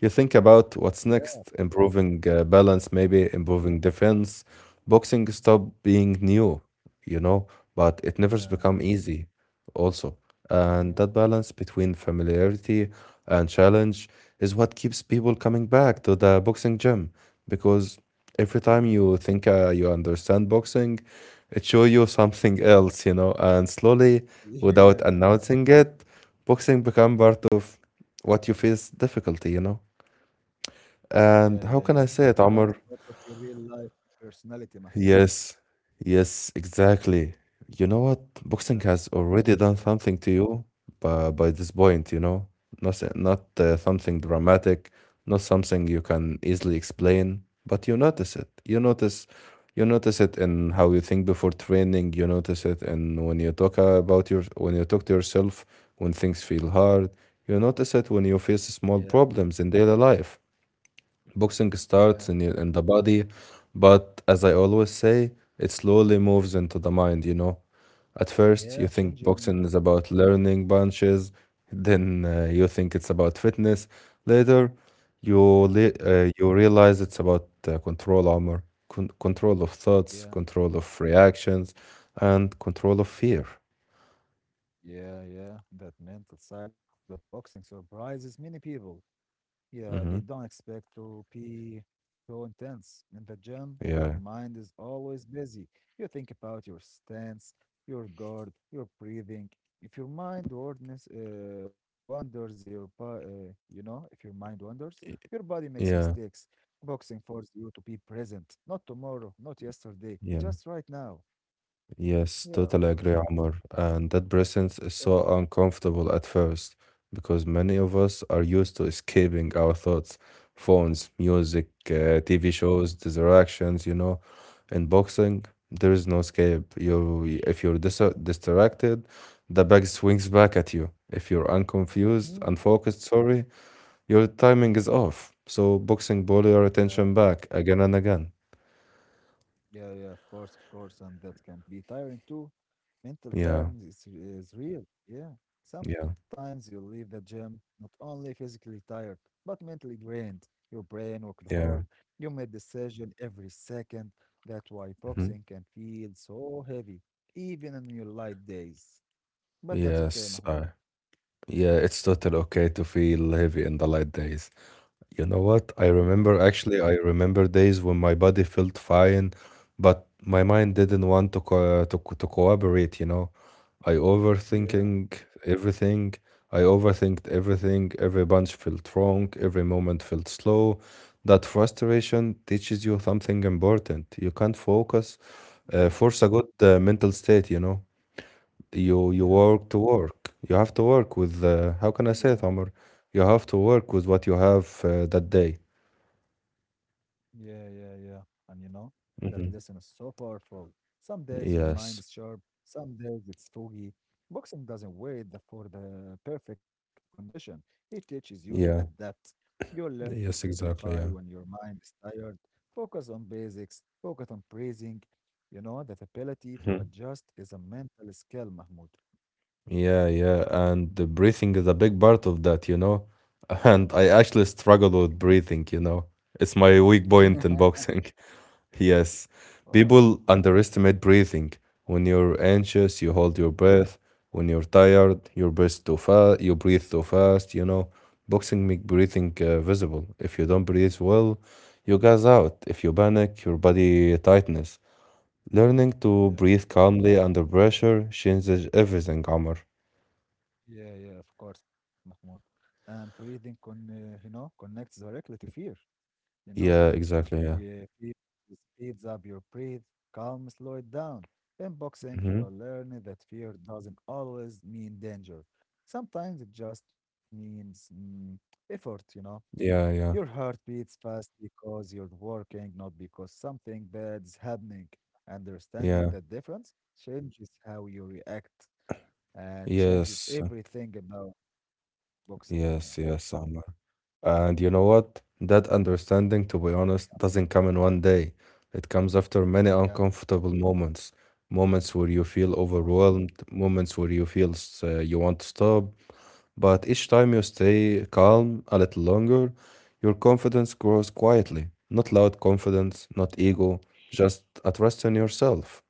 [SPEAKER 1] You think about
[SPEAKER 2] Yeah,
[SPEAKER 1] what's
[SPEAKER 2] of course,
[SPEAKER 1] next, improving balance,
[SPEAKER 2] yeah,
[SPEAKER 1] maybe improving defense. Boxing stopped being new, you know, but it never's
[SPEAKER 2] yeah,
[SPEAKER 1] become easy also. And
[SPEAKER 2] yeah,
[SPEAKER 1] that balance between familiarity and challenge is what keeps people coming back to the boxing gym because every
[SPEAKER 2] yeah,
[SPEAKER 1] time you think you understand boxing, it shows you something else, you know, and slowly,
[SPEAKER 2] yeah,
[SPEAKER 1] without announcing it, boxing become part of what you face difficulty, you know.
[SPEAKER 2] yeah,
[SPEAKER 1] And
[SPEAKER 2] yeah,
[SPEAKER 1] how
[SPEAKER 2] yeah.
[SPEAKER 1] can I
[SPEAKER 2] It
[SPEAKER 1] say it,
[SPEAKER 2] becomes
[SPEAKER 1] Amr?
[SPEAKER 2] part of your real life personality, Mahmoud.
[SPEAKER 1] Yes, yes, exactly. You know what? Boxing
[SPEAKER 2] Yeah,
[SPEAKER 1] has already done
[SPEAKER 2] yeah,
[SPEAKER 1] something to you by this point, you know? Not
[SPEAKER 2] yeah, of
[SPEAKER 1] something
[SPEAKER 2] course.
[SPEAKER 1] dramatic, not something you can easily explain, but you notice it. You
[SPEAKER 2] Yeah,
[SPEAKER 1] notice it in how you think before training. You notice it in when you talk about when you talk to yourself, when things feel hard. You notice it when you face
[SPEAKER 2] yeah,
[SPEAKER 1] small problems in daily life. Boxing
[SPEAKER 2] yeah,
[SPEAKER 1] starts in in the body, but as I always say, it slowly moves into the mind, you know. At first, you
[SPEAKER 2] yeah.
[SPEAKER 1] think
[SPEAKER 2] Change your mind.
[SPEAKER 1] boxing is about learning punches, then you think it's about fitness. Later, you
[SPEAKER 2] Yeah,
[SPEAKER 1] you realize it's about control armor, control of thoughts,
[SPEAKER 2] yeah,
[SPEAKER 1] control of reactions, and control of fear.
[SPEAKER 2] yeah, yeah. That mental side of boxing surprises many people. Yeah, they don't
[SPEAKER 1] Hmm.
[SPEAKER 2] expect to be so intense. In the gym, your
[SPEAKER 1] Yeah,
[SPEAKER 2] mind is always busy. You think about your stance, your guard, your breathing. If your mind wanders, wanders your bo- you know, if your mind wanders, your
[SPEAKER 1] y-
[SPEAKER 2] body makes
[SPEAKER 1] yeah,
[SPEAKER 2] mistakes. Boxing forces you to be present, not tomorrow, not yesterday,
[SPEAKER 1] yeah.
[SPEAKER 2] just right now.
[SPEAKER 1] Yes,
[SPEAKER 2] Yeah, of
[SPEAKER 1] totally
[SPEAKER 2] course.
[SPEAKER 1] agree,
[SPEAKER 2] Mm,
[SPEAKER 1] Omar. And that presence is
[SPEAKER 2] thank
[SPEAKER 1] so uncomfortable at first because many of us are used to escaping our thoughts, phones,
[SPEAKER 2] you.
[SPEAKER 1] music,
[SPEAKER 2] Yeah.
[SPEAKER 1] TV shows, distractions, you know. In boxing, there is no escape. If you're distracted, the bag swings back at you. If you're
[SPEAKER 2] Mm,
[SPEAKER 1] unfocused, sorry, your timing is off. So boxing ball your
[SPEAKER 2] yeah.
[SPEAKER 1] attention back again and again.
[SPEAKER 2] Yeah, yeah, of course, and that can be tiring too. Mental
[SPEAKER 1] Yeah,
[SPEAKER 2] tiredness is real. Yeah.
[SPEAKER 1] yeah,
[SPEAKER 2] Sometimes you leave the gym not only physically tired, but mentally drained. Your brain worked hard.
[SPEAKER 1] yeah.
[SPEAKER 2] You made decision every second. That's why
[SPEAKER 1] Mhm.
[SPEAKER 2] boxing can feel so heavy, even on your light days. But that's okay,
[SPEAKER 1] Yes,
[SPEAKER 2] Mahmoud.
[SPEAKER 1] I Yeah, it's totally okay to feel heavy in the light days. You know what?
[SPEAKER 2] Yeah,
[SPEAKER 1] I remember days when my body felt fine, but my mind didn't want to cooperate, you know. I
[SPEAKER 2] yeah,
[SPEAKER 1] overthinking everything. I overthinked everything. Every bunch felt wrong. Every moment felt slow. That frustration teaches you something important. You can't focus,
[SPEAKER 2] yeah,
[SPEAKER 1] force a good mental state, you know you
[SPEAKER 2] yeah,
[SPEAKER 1] work to work. You have to work with how
[SPEAKER 2] yeah.
[SPEAKER 1] can I say it, Omar? You have to work with what you have that day.
[SPEAKER 2] Yeah, yeah, yeah. And you know, that
[SPEAKER 1] Hmm.
[SPEAKER 2] lesson is so powerful. Some days your mind
[SPEAKER 1] Yes.
[SPEAKER 2] is sharp, some days it's foggy. Boxing doesn't wait for the perfect condition. It teaches you to
[SPEAKER 1] Yeah.
[SPEAKER 2] adapt. You learn to
[SPEAKER 1] Yes,
[SPEAKER 2] simplify
[SPEAKER 1] exactly. Yeah.
[SPEAKER 2] when your mind is tired. Focus on basics, focus on praising. That ability to
[SPEAKER 1] Hmm.
[SPEAKER 2] adjust is a mental skill, Mahmoud.
[SPEAKER 1] Yeah, yeah, and the breathing is a big part of that, you know. And I actually struggle
[SPEAKER 2] Yeah.
[SPEAKER 1] with breathing, you know. It's my weak point in boxing. Yes,
[SPEAKER 2] Wow.
[SPEAKER 1] people underestimate breathing. When you're anxious, you
[SPEAKER 2] Yeah,
[SPEAKER 1] hold your breath. When you're tired, you breathe too fast. You breathe too fast. You know, boxing make breathing visible. If you don't breathe well, you gas out. If you panic, your body tightens. Learning to
[SPEAKER 2] yeah,
[SPEAKER 1] breathe calmly under pressure changes everything, Amr.
[SPEAKER 2] yeah, yeah, of course, Mahmoud. And breathing connects directly to fear. You know?
[SPEAKER 1] Yeah, exactly. Yeah.
[SPEAKER 2] Yeah, fear speeds up your breath, calm slow it down. In boxing,
[SPEAKER 1] Hmm.
[SPEAKER 2] you'll learn that fear doesn't always mean danger. Sometimes it just means effort, you know?
[SPEAKER 1] Yeah,
[SPEAKER 2] Your
[SPEAKER 1] yeah,
[SPEAKER 2] heart beats fast because you're working, not because something bad's happening. Understanding
[SPEAKER 1] yeah.
[SPEAKER 2] that difference changes how you react and changes
[SPEAKER 1] Yes,
[SPEAKER 2] everything about boxing, Mahmoud.
[SPEAKER 1] Yes, yes, Amr. And you know what? That understanding, to be honest, doesn't come in one day. It comes after many
[SPEAKER 2] Yeah,
[SPEAKER 1] uncomfortable moments, moments where you feel
[SPEAKER 2] yeah, of course.
[SPEAKER 1] overwhelmed, moments where you feel you want to stop. But each time you stay calm a little longer, your confidence grows quietly. Not loud confidence, not
[SPEAKER 2] Yeah.
[SPEAKER 1] ego, just a trust in yourself.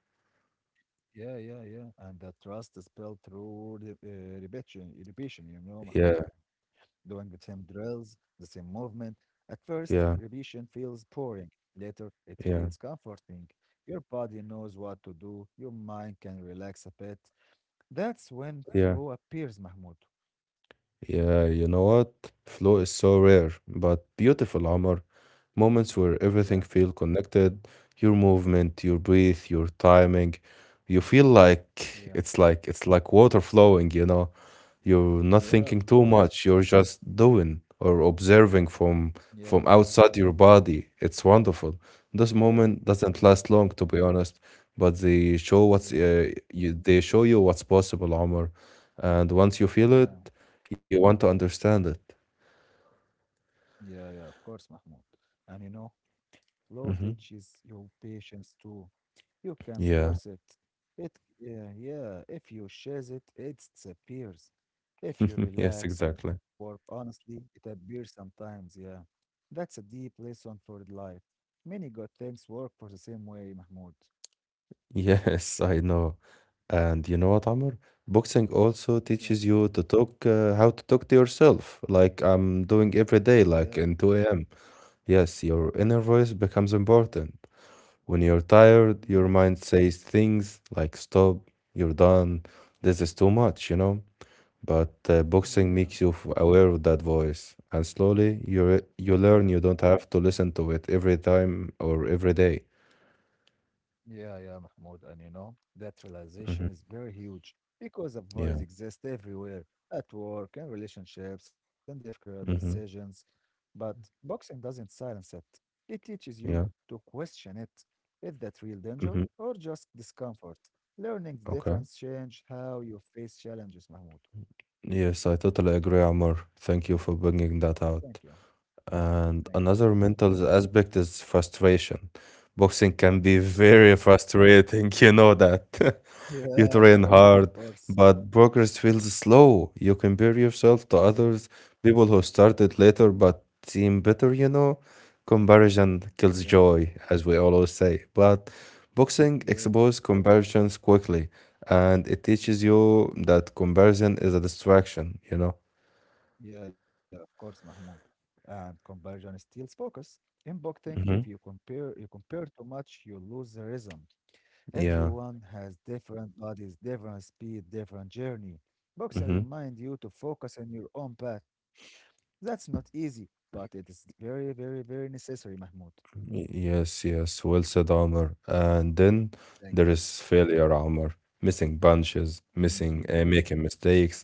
[SPEAKER 2] Yeah, yeah, yeah. And the trust is built through repetition, you know, Mahmoud,
[SPEAKER 1] Yeah,
[SPEAKER 2] doing the same drills, the same movement. At first,
[SPEAKER 1] yeah,
[SPEAKER 2] repetition feels boring. Later, it
[SPEAKER 1] yeah,
[SPEAKER 2] feels comforting. Your body knows what to do. Your mind can relax a bit. That's when
[SPEAKER 1] yeah.
[SPEAKER 2] flow appears, Mahmoud.
[SPEAKER 1] Yeah, you know what? Flow is so rare, but beautiful, Amr. Moments where
[SPEAKER 2] Yeah,
[SPEAKER 1] everything feel connected, your movement, your breath, your timing. You feel like
[SPEAKER 2] yeah,
[SPEAKER 1] it's like it's like water flowing, you know. You're not
[SPEAKER 2] yeah, of
[SPEAKER 1] thinking too
[SPEAKER 2] course.
[SPEAKER 1] much. You're just doing or observing from
[SPEAKER 2] Yeah,
[SPEAKER 1] outside your body. It's wonderful. This
[SPEAKER 2] yeah,
[SPEAKER 1] moment doesn't
[SPEAKER 2] yeah,
[SPEAKER 1] last long, to be honest, but they show
[SPEAKER 2] yeah,
[SPEAKER 1] they show you what's possible, Omar. And once you feel
[SPEAKER 2] yeah,
[SPEAKER 1] it, you want to understand it.
[SPEAKER 2] yeah, yeah, of course, Mahmoud. And you know, law
[SPEAKER 1] Hmm.
[SPEAKER 2] teaches you patience too. You can
[SPEAKER 1] Yeah.
[SPEAKER 2] force it. Yeah, yeah. If you chase it, it disappears. If you
[SPEAKER 1] Yes,
[SPEAKER 2] relax and
[SPEAKER 1] exactly.
[SPEAKER 2] work honestly, it appears sometimes. Yeah, that's a deep lesson for the life. Many good things work for the same way, Mahmoud.
[SPEAKER 1] Yes, I know. And you know what, Amr? Boxing also
[SPEAKER 2] Yeah,
[SPEAKER 1] teaches you to talk, how to talk to yourself, like I'm doing every
[SPEAKER 2] yeah,
[SPEAKER 1] day, like in 2 a.m. Yes, your inner voice becomes important. When you're tired,
[SPEAKER 2] yeah,
[SPEAKER 1] your mind says things like stop, you're done, this is too much, you know? But Boxing
[SPEAKER 2] yeah.
[SPEAKER 1] makes you aware of that voice, and slowly you
[SPEAKER 2] Yeah.
[SPEAKER 1] learn you don't have to listen to it every time or every day.
[SPEAKER 2] Yeah, yeah, Mahmoud. And you know, that
[SPEAKER 1] Mm-hmm.
[SPEAKER 2] realization is very huge because a
[SPEAKER 1] Yeah.
[SPEAKER 2] voice exists everywhere at work and relationships and different
[SPEAKER 1] Mm-hmm.
[SPEAKER 2] decisions. But boxing doesn't silence it, it teaches you
[SPEAKER 1] Yeah.
[SPEAKER 2] to question it. Is that real danger
[SPEAKER 1] Mm-hmm.
[SPEAKER 2] or just discomfort? Learning the
[SPEAKER 1] Okay.
[SPEAKER 2] difference change how you face challenges, Mahmoud.
[SPEAKER 1] Yes, I totally agree, Amr. Thank you for bringing that
[SPEAKER 2] Thank you.
[SPEAKER 1] out.
[SPEAKER 2] Thank
[SPEAKER 1] And
[SPEAKER 2] you, Mahmoud.
[SPEAKER 1] another mental aspect is frustration. Boxing can be
[SPEAKER 2] Yeah,
[SPEAKER 1] very frustrating, you know that. You
[SPEAKER 2] yeah, of
[SPEAKER 1] train
[SPEAKER 2] course, of
[SPEAKER 1] hard,
[SPEAKER 2] course.
[SPEAKER 1] but progress feels slow. You compare yourself to
[SPEAKER 2] Yeah,
[SPEAKER 1] others, people who started later but seem better, you know. Comparison
[SPEAKER 2] yeah,
[SPEAKER 1] kills joy, as we always say. But boxing
[SPEAKER 2] yeah.
[SPEAKER 1] exposes comparisons quickly, and it teaches you that comparison is a distraction, you know.
[SPEAKER 2] Yeah, yeah, of course, Mahmoud. And conversion steals focus. In boxing, if
[SPEAKER 1] Hmm.
[SPEAKER 2] you compare you compare too much, you lose the rhythm.
[SPEAKER 1] Yeah.
[SPEAKER 2] Everyone has different bodies, different speed, different journey. Boxing reminds you to focus on your own path. That's not easy, but it is very, very, very necessary, Mahmoud.
[SPEAKER 1] Yes, yes, well said, Amr. And then
[SPEAKER 2] Thank
[SPEAKER 1] there
[SPEAKER 2] you.
[SPEAKER 1] is failure, Amr. Missing punches,
[SPEAKER 2] Mhm.
[SPEAKER 1] making mistakes.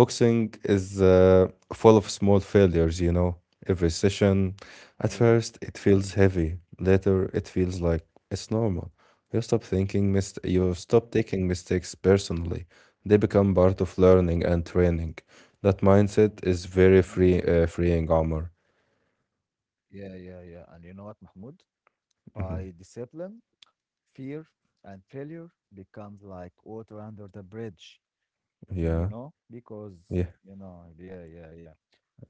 [SPEAKER 1] Boxing is full of small failures, you know. Every session,
[SPEAKER 2] Yeah,
[SPEAKER 1] at first, it feels heavy. Later, it feels like it's normal. You
[SPEAKER 2] yeah,
[SPEAKER 1] stop taking mistakes personally. They become part of learning and training. That mindset is very
[SPEAKER 2] yeah,
[SPEAKER 1] free, uh, freeing, Amr.
[SPEAKER 2] yeah, yeah, yeah. And you know what, Mahmoud?
[SPEAKER 1] Hmm.
[SPEAKER 2] By discipline, fear and failure becomes like water under the bridge, you
[SPEAKER 1] Yeah,
[SPEAKER 2] know, because,
[SPEAKER 1] yeah,
[SPEAKER 2] yeah, yeah, yeah.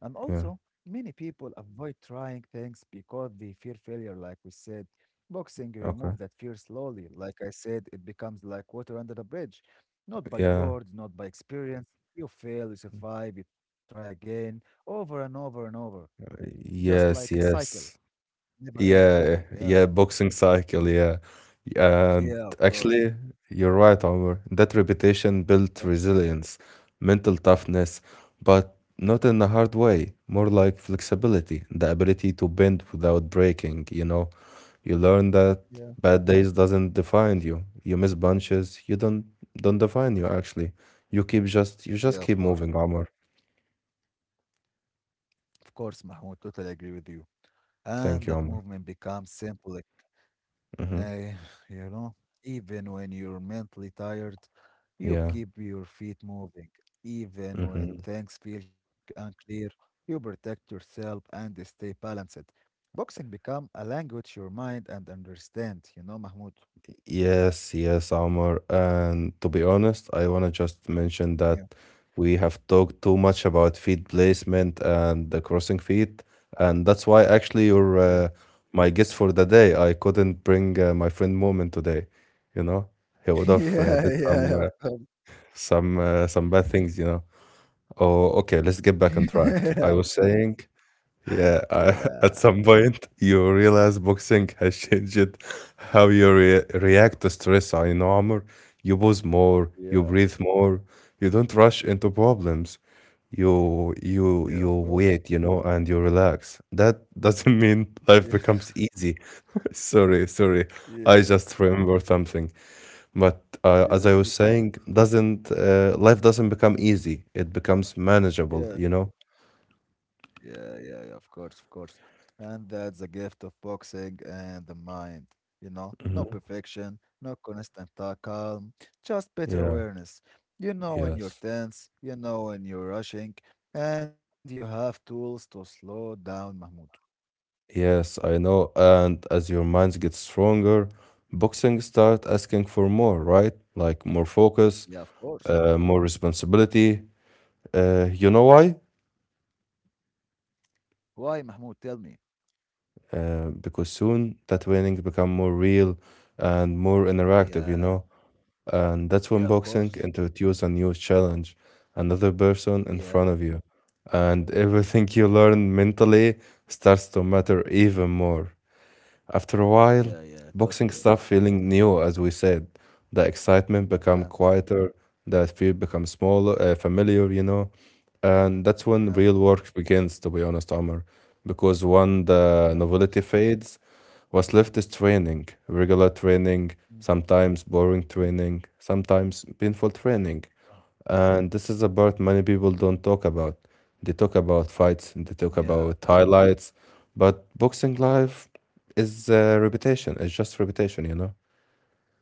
[SPEAKER 2] And
[SPEAKER 1] yeah.
[SPEAKER 2] also, many people avoid trying things because they fear failure, like we said. Boxing
[SPEAKER 1] Okay.
[SPEAKER 2] remove that fear slowly. Like I said, it becomes like water under the bridge, not by
[SPEAKER 1] Yeah.
[SPEAKER 2] words, not by experience. You fail, you survive, you try again, over and over and over, just like a
[SPEAKER 1] Yes,
[SPEAKER 2] cycle,
[SPEAKER 1] yes.
[SPEAKER 2] never ends.
[SPEAKER 1] Yeah,
[SPEAKER 2] Yeah,
[SPEAKER 1] yeah, boxing cycle, yeah. And
[SPEAKER 2] yeah, of course.
[SPEAKER 1] actually, you're right, Omar. That reputation built
[SPEAKER 2] Thank you.
[SPEAKER 1] resilience, mental toughness, but not in a hard way, more like flexibility, the ability to bend without breaking, you know. You learn that
[SPEAKER 2] Mohammed.
[SPEAKER 1] bad days doesn't define you. You miss punches, you don't define you actually. You keep just you
[SPEAKER 2] Yeah,
[SPEAKER 1] just
[SPEAKER 2] yeah, of
[SPEAKER 1] keep
[SPEAKER 2] course.
[SPEAKER 1] moving, Omar.
[SPEAKER 2] Of course, Mahmoud, totally agree with you. And that
[SPEAKER 1] Thank you, Omar.
[SPEAKER 2] movement becomes symbolic.
[SPEAKER 1] Mm-hmm.
[SPEAKER 2] Uh, you know, even when you're mentally tired, you
[SPEAKER 1] Yeah.
[SPEAKER 2] keep your feet moving. Even when
[SPEAKER 1] Mm-hmm.
[SPEAKER 2] things feel c- unclear, you protect yourself and stay balanced. Boxing become a language your mind and understand, you know, Mahmoud.
[SPEAKER 1] Yes, yes, Omar. And to be honest, I want to just mention that we have talked too much about feed placement and the crossing feet, and that's why actually
[SPEAKER 2] Yeah.
[SPEAKER 1] you're uh, my guest for the day. I couldn't bring my friend Moment today, you know. He would have uh,
[SPEAKER 2] Yeah.
[SPEAKER 1] did some
[SPEAKER 2] Yeah,
[SPEAKER 1] uh,
[SPEAKER 2] yeah,
[SPEAKER 1] some uh, some bad things, you know. Oh, okay,
[SPEAKER 2] of
[SPEAKER 1] let's get back on
[SPEAKER 2] course.
[SPEAKER 1] track. I was saying
[SPEAKER 2] Yeah, of course.
[SPEAKER 1] yeah,
[SPEAKER 2] Yeah.
[SPEAKER 1] at some point you realize boxing has changed how you re react to stress and armor. You pause more, you
[SPEAKER 2] Yeah.
[SPEAKER 1] breathe more, you don't rush into problems. You
[SPEAKER 2] Yeah, of
[SPEAKER 1] you you
[SPEAKER 2] course.
[SPEAKER 1] wait, you know, and you relax. That doesn't mean
[SPEAKER 2] Yeah.
[SPEAKER 1] life becomes easy. Sorry, sorry. I
[SPEAKER 2] Yeah.
[SPEAKER 1] just remember something. But As
[SPEAKER 2] Yeah,
[SPEAKER 1] I was
[SPEAKER 2] me too.
[SPEAKER 1] saying, doesn't life doesn't become easy. It becomes manageable,
[SPEAKER 2] Yeah,
[SPEAKER 1] you know?
[SPEAKER 2] yeah, yeah, yeah, of course, of course. And that's the gift of boxing and the mind. No
[SPEAKER 1] Hmm.
[SPEAKER 2] perfection, no constant calm, just better
[SPEAKER 1] Yeah,
[SPEAKER 2] awareness. You know when you're
[SPEAKER 1] yes.
[SPEAKER 2] tense, you know when you're rushing, and you have tools to slow down, Mahmoud.
[SPEAKER 1] Yes, I know. And as your minds get stronger, boxing start asking for more, right? Like more focus,
[SPEAKER 2] Yeah, of course.
[SPEAKER 1] more responsibility. You know why?
[SPEAKER 2] Why, Mahmoud? Tell me.
[SPEAKER 1] Because soon that training become more real and more interactive, you
[SPEAKER 2] Yeah,
[SPEAKER 1] know? And that's when
[SPEAKER 2] yeah, of
[SPEAKER 1] boxing
[SPEAKER 2] course.
[SPEAKER 1] introduces a new challenge, another person in
[SPEAKER 2] Yeah,
[SPEAKER 1] front of you. And everything you learn mentally starts to matter even more. After a
[SPEAKER 2] yeah,
[SPEAKER 1] while,
[SPEAKER 2] yeah,
[SPEAKER 1] boxing
[SPEAKER 2] totally.
[SPEAKER 1] starts feeling new, as we said. The excitement become
[SPEAKER 2] Yeah,
[SPEAKER 1] quieter, the fear becomes smaller, familiar, you know. And that's when
[SPEAKER 2] yeah,
[SPEAKER 1] real work begins, to be honest, Omar. Because when
[SPEAKER 2] yeah, of
[SPEAKER 1] the
[SPEAKER 2] course.
[SPEAKER 1] novelty fades, what's left is training, regular training,
[SPEAKER 2] Mhm.
[SPEAKER 1] sometimes boring training, sometimes painful training. And this is a part many people don't talk about. They talk about fights, they talk
[SPEAKER 2] Yeah.
[SPEAKER 1] about highlights, but boxing live is reputation. It's just reputation, you know?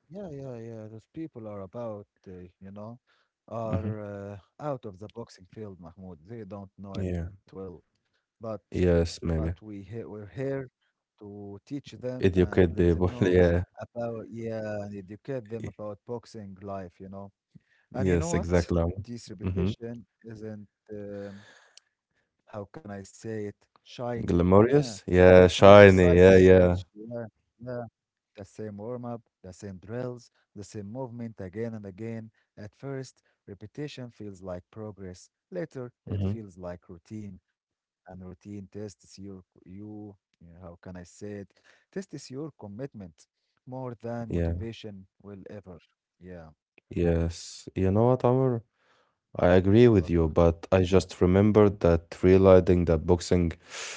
[SPEAKER 2] Yeah, yeah, yeah. Those people are about, you know,
[SPEAKER 1] Hmm.
[SPEAKER 2] are out of the boxing field, Mahmoud. They don't know it
[SPEAKER 1] Yeah.
[SPEAKER 2] well, but but
[SPEAKER 1] Yes,
[SPEAKER 2] we
[SPEAKER 1] maybe.
[SPEAKER 2] he we're here to teach them and
[SPEAKER 1] Educate
[SPEAKER 2] let them
[SPEAKER 1] people.
[SPEAKER 2] know
[SPEAKER 1] Yeah.
[SPEAKER 2] about yeah and educate them
[SPEAKER 1] Y-
[SPEAKER 2] about boxing life, you know. And you know
[SPEAKER 1] Yes,
[SPEAKER 2] what?
[SPEAKER 1] exactly.
[SPEAKER 2] This
[SPEAKER 1] Mm-hmm.
[SPEAKER 2] reputation isn't how can I say it? Shiny. Yeah,
[SPEAKER 1] Glamorous.
[SPEAKER 2] it's not
[SPEAKER 1] Yeah,
[SPEAKER 2] exciting to
[SPEAKER 1] shiny. Yeah,
[SPEAKER 2] watch.
[SPEAKER 1] yeah.
[SPEAKER 2] Yeah, yeah the same warm up, the same drills, the same movement again and again. At first, repetition feels like progress. Later, it
[SPEAKER 1] Mm-hmm.
[SPEAKER 2] feels like routine, and routine tests your you. Yeah, how can I say it? Tests your commitment more than
[SPEAKER 1] Yeah.
[SPEAKER 2] motivation will ever. Yeah,
[SPEAKER 1] Yes. You know what, Amr? I agree with
[SPEAKER 2] what
[SPEAKER 1] you,
[SPEAKER 2] Mahmoud.
[SPEAKER 1] but I just remembered that realizing that boxing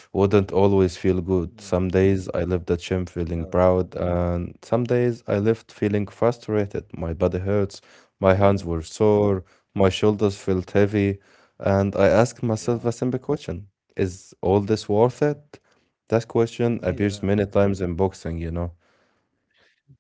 [SPEAKER 1] wouldn't always feel good.
[SPEAKER 2] Yeah.
[SPEAKER 1] Some days I left the gym
[SPEAKER 2] Yeah,
[SPEAKER 1] feeling proud, and some days I left feeling frustrated. My body hurts, my
[SPEAKER 2] yeah,
[SPEAKER 1] hands were
[SPEAKER 2] yeah,
[SPEAKER 1] sore, my shoulders felt heavy, and I asked myself
[SPEAKER 2] yeah,
[SPEAKER 1] a simple question. Is all this worth it? That question appears
[SPEAKER 2] yeah.
[SPEAKER 1] many times in boxing, you know.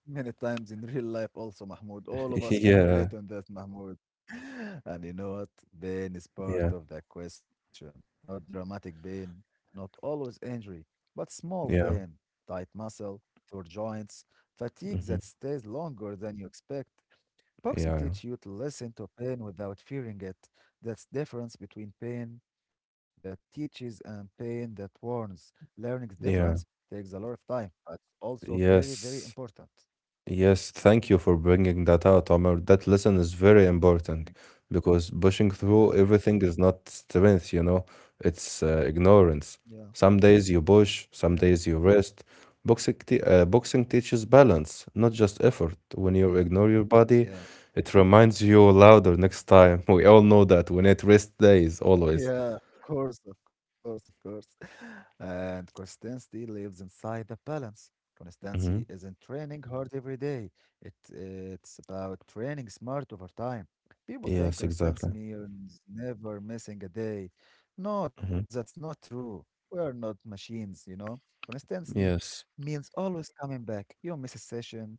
[SPEAKER 2] Many times in real life also, Mahmoud. All of us can
[SPEAKER 1] Yeah,
[SPEAKER 2] relate on that, Mahmoud. And you know what? Pain is part
[SPEAKER 1] yeah,
[SPEAKER 2] of the question. Not dramatic pain, not always injury, but small pain,
[SPEAKER 1] yeah,
[SPEAKER 2] tight muscle, sore joints, fatigue
[SPEAKER 1] mhm,
[SPEAKER 2] that stays longer than you expect. Boxing
[SPEAKER 1] yeah,
[SPEAKER 2] teaches you to listen to pain without fearing it. That's difference between pain that teaches and pain that warns. Learning the difference
[SPEAKER 1] yeah,
[SPEAKER 2] takes a lot of time, but it's also very, very
[SPEAKER 1] yes.
[SPEAKER 2] important.
[SPEAKER 1] Yes, thank you for bringing that out, Omar. That lesson is very important
[SPEAKER 2] Thank
[SPEAKER 1] because pushing
[SPEAKER 2] you. Yeah,
[SPEAKER 1] through everything is not strength, you know, it's ignorance.
[SPEAKER 2] yeah,
[SPEAKER 1] Some days you push,
[SPEAKER 2] yeah,
[SPEAKER 1] some days you rest. Boxing teaches balance, not just effort. When you
[SPEAKER 2] yeah,
[SPEAKER 1] ignore your body,
[SPEAKER 2] yeah,
[SPEAKER 1] it reminds you louder next time. We all know that we need rest days, always.
[SPEAKER 2] yeah. Of course, of course, of course. And consistency lives inside the balance.
[SPEAKER 1] Hmm.
[SPEAKER 2] Consistency isn't training hard every day. It's about training smart over time. People think
[SPEAKER 1] Yes,
[SPEAKER 2] consistency
[SPEAKER 1] exactly.
[SPEAKER 2] means never missing a day. No, that's
[SPEAKER 1] Hmm.
[SPEAKER 2] not true. We are not machines, you know. Consistency
[SPEAKER 1] Yes.
[SPEAKER 2] means always coming back. You miss a session,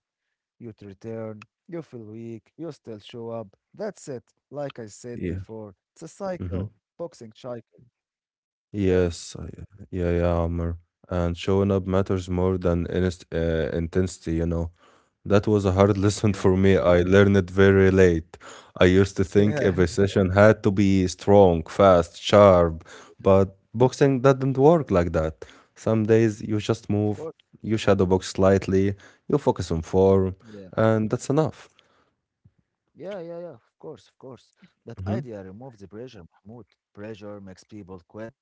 [SPEAKER 2] you to return, you feel weak, you still show up. That's it. Like I said
[SPEAKER 1] Yeah.
[SPEAKER 2] before, it's a
[SPEAKER 1] Hmm.
[SPEAKER 2] cycle, boxing cycle. Yeah,
[SPEAKER 1] Yes, I- yeah, yeah, Amr. And showing up matters more than inst intensity, you know. That was a hard lesson
[SPEAKER 2] yeah,
[SPEAKER 1] for me. I learned it very late. I used to think
[SPEAKER 2] yeah,
[SPEAKER 1] every session had to be strong, fast, sharp,
[SPEAKER 2] yeah.
[SPEAKER 1] but boxing doesn't work like that. Some days you
[SPEAKER 2] Of
[SPEAKER 1] just
[SPEAKER 2] course.
[SPEAKER 1] move, you shadow box slightly, you focus on form,
[SPEAKER 2] Yeah,
[SPEAKER 1] and that's enough.
[SPEAKER 2] yeah, yeah, yeah. Of course, of course. That
[SPEAKER 1] Hmm.
[SPEAKER 2] idea removes the pressure, Mahmoud. Pressure makes people quit.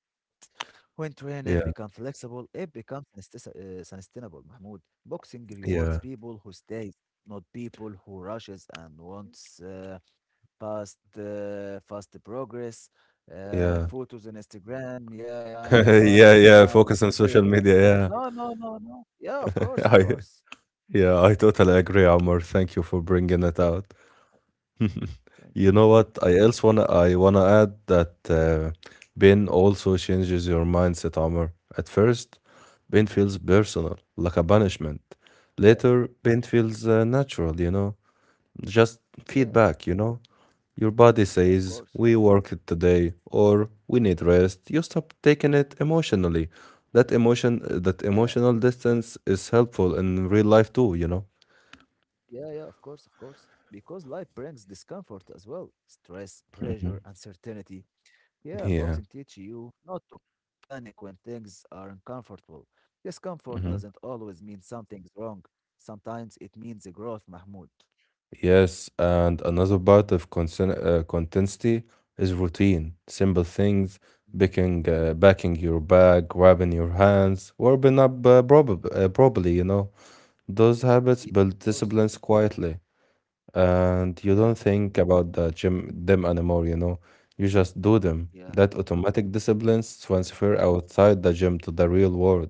[SPEAKER 2] When training becomes
[SPEAKER 1] Yeah,
[SPEAKER 2] flexible, it becomes sustainable, Mahmoud. Boxing rewards
[SPEAKER 1] yeah,
[SPEAKER 2] people who stays, not people who rushes and wants. Fast progress,
[SPEAKER 1] yeah.
[SPEAKER 2] photos on Instagram. Yeah, yeah, my body
[SPEAKER 1] Yeah,
[SPEAKER 2] right
[SPEAKER 1] yeah,
[SPEAKER 2] now is
[SPEAKER 1] focus on
[SPEAKER 2] very
[SPEAKER 1] social media,
[SPEAKER 2] perfect.
[SPEAKER 1] yeah.
[SPEAKER 2] No, no, no, no. Yeah, of course, of
[SPEAKER 1] I.
[SPEAKER 2] course.
[SPEAKER 1] Yeah, I totally agree, Amr. Thank you for bringing it out.
[SPEAKER 2] Thank
[SPEAKER 1] You
[SPEAKER 2] you.
[SPEAKER 1] know
[SPEAKER 2] Ahmed.
[SPEAKER 1] what? I wanna add that pain also changes your mindset, Amr. At first, pain feels personal, like a punishment.
[SPEAKER 2] Yeah,
[SPEAKER 1] Later, pain feels natural. You know, just
[SPEAKER 2] yeah,
[SPEAKER 1] feedback. You know, your body
[SPEAKER 2] of
[SPEAKER 1] says
[SPEAKER 2] course. Of
[SPEAKER 1] we
[SPEAKER 2] course.
[SPEAKER 1] worked today or we need rest. You stop taking it emotionally. That
[SPEAKER 2] Yeah,
[SPEAKER 1] emotional distance is helpful in real life too. You know.
[SPEAKER 2] yeah, yeah, of course, of course. Because life brings discomfort as well, stress, pressure, uncertainty. Yeah,
[SPEAKER 1] Yeah.
[SPEAKER 2] boxing teaches you not to panic when things are uncomfortable. Discomfort doesn't
[SPEAKER 1] Mhm.
[SPEAKER 2] always mean something's wrong. Sometimes it means a growth, Mahmoud.
[SPEAKER 1] Yes, and another part of consistency is routine. Simple things, packing your bag, grabbing your hands, warming up properly, you know. Those
[SPEAKER 2] Yeah,
[SPEAKER 1] habits
[SPEAKER 2] of
[SPEAKER 1] build
[SPEAKER 2] course.
[SPEAKER 1] disciplines quietly, and you
[SPEAKER 2] Yeah,
[SPEAKER 1] don't think about the gym them anymore, you know. You just do them.
[SPEAKER 2] yeah,
[SPEAKER 1] That automatic
[SPEAKER 2] yeah,
[SPEAKER 1] disciplines transfer outside the gym to the real world.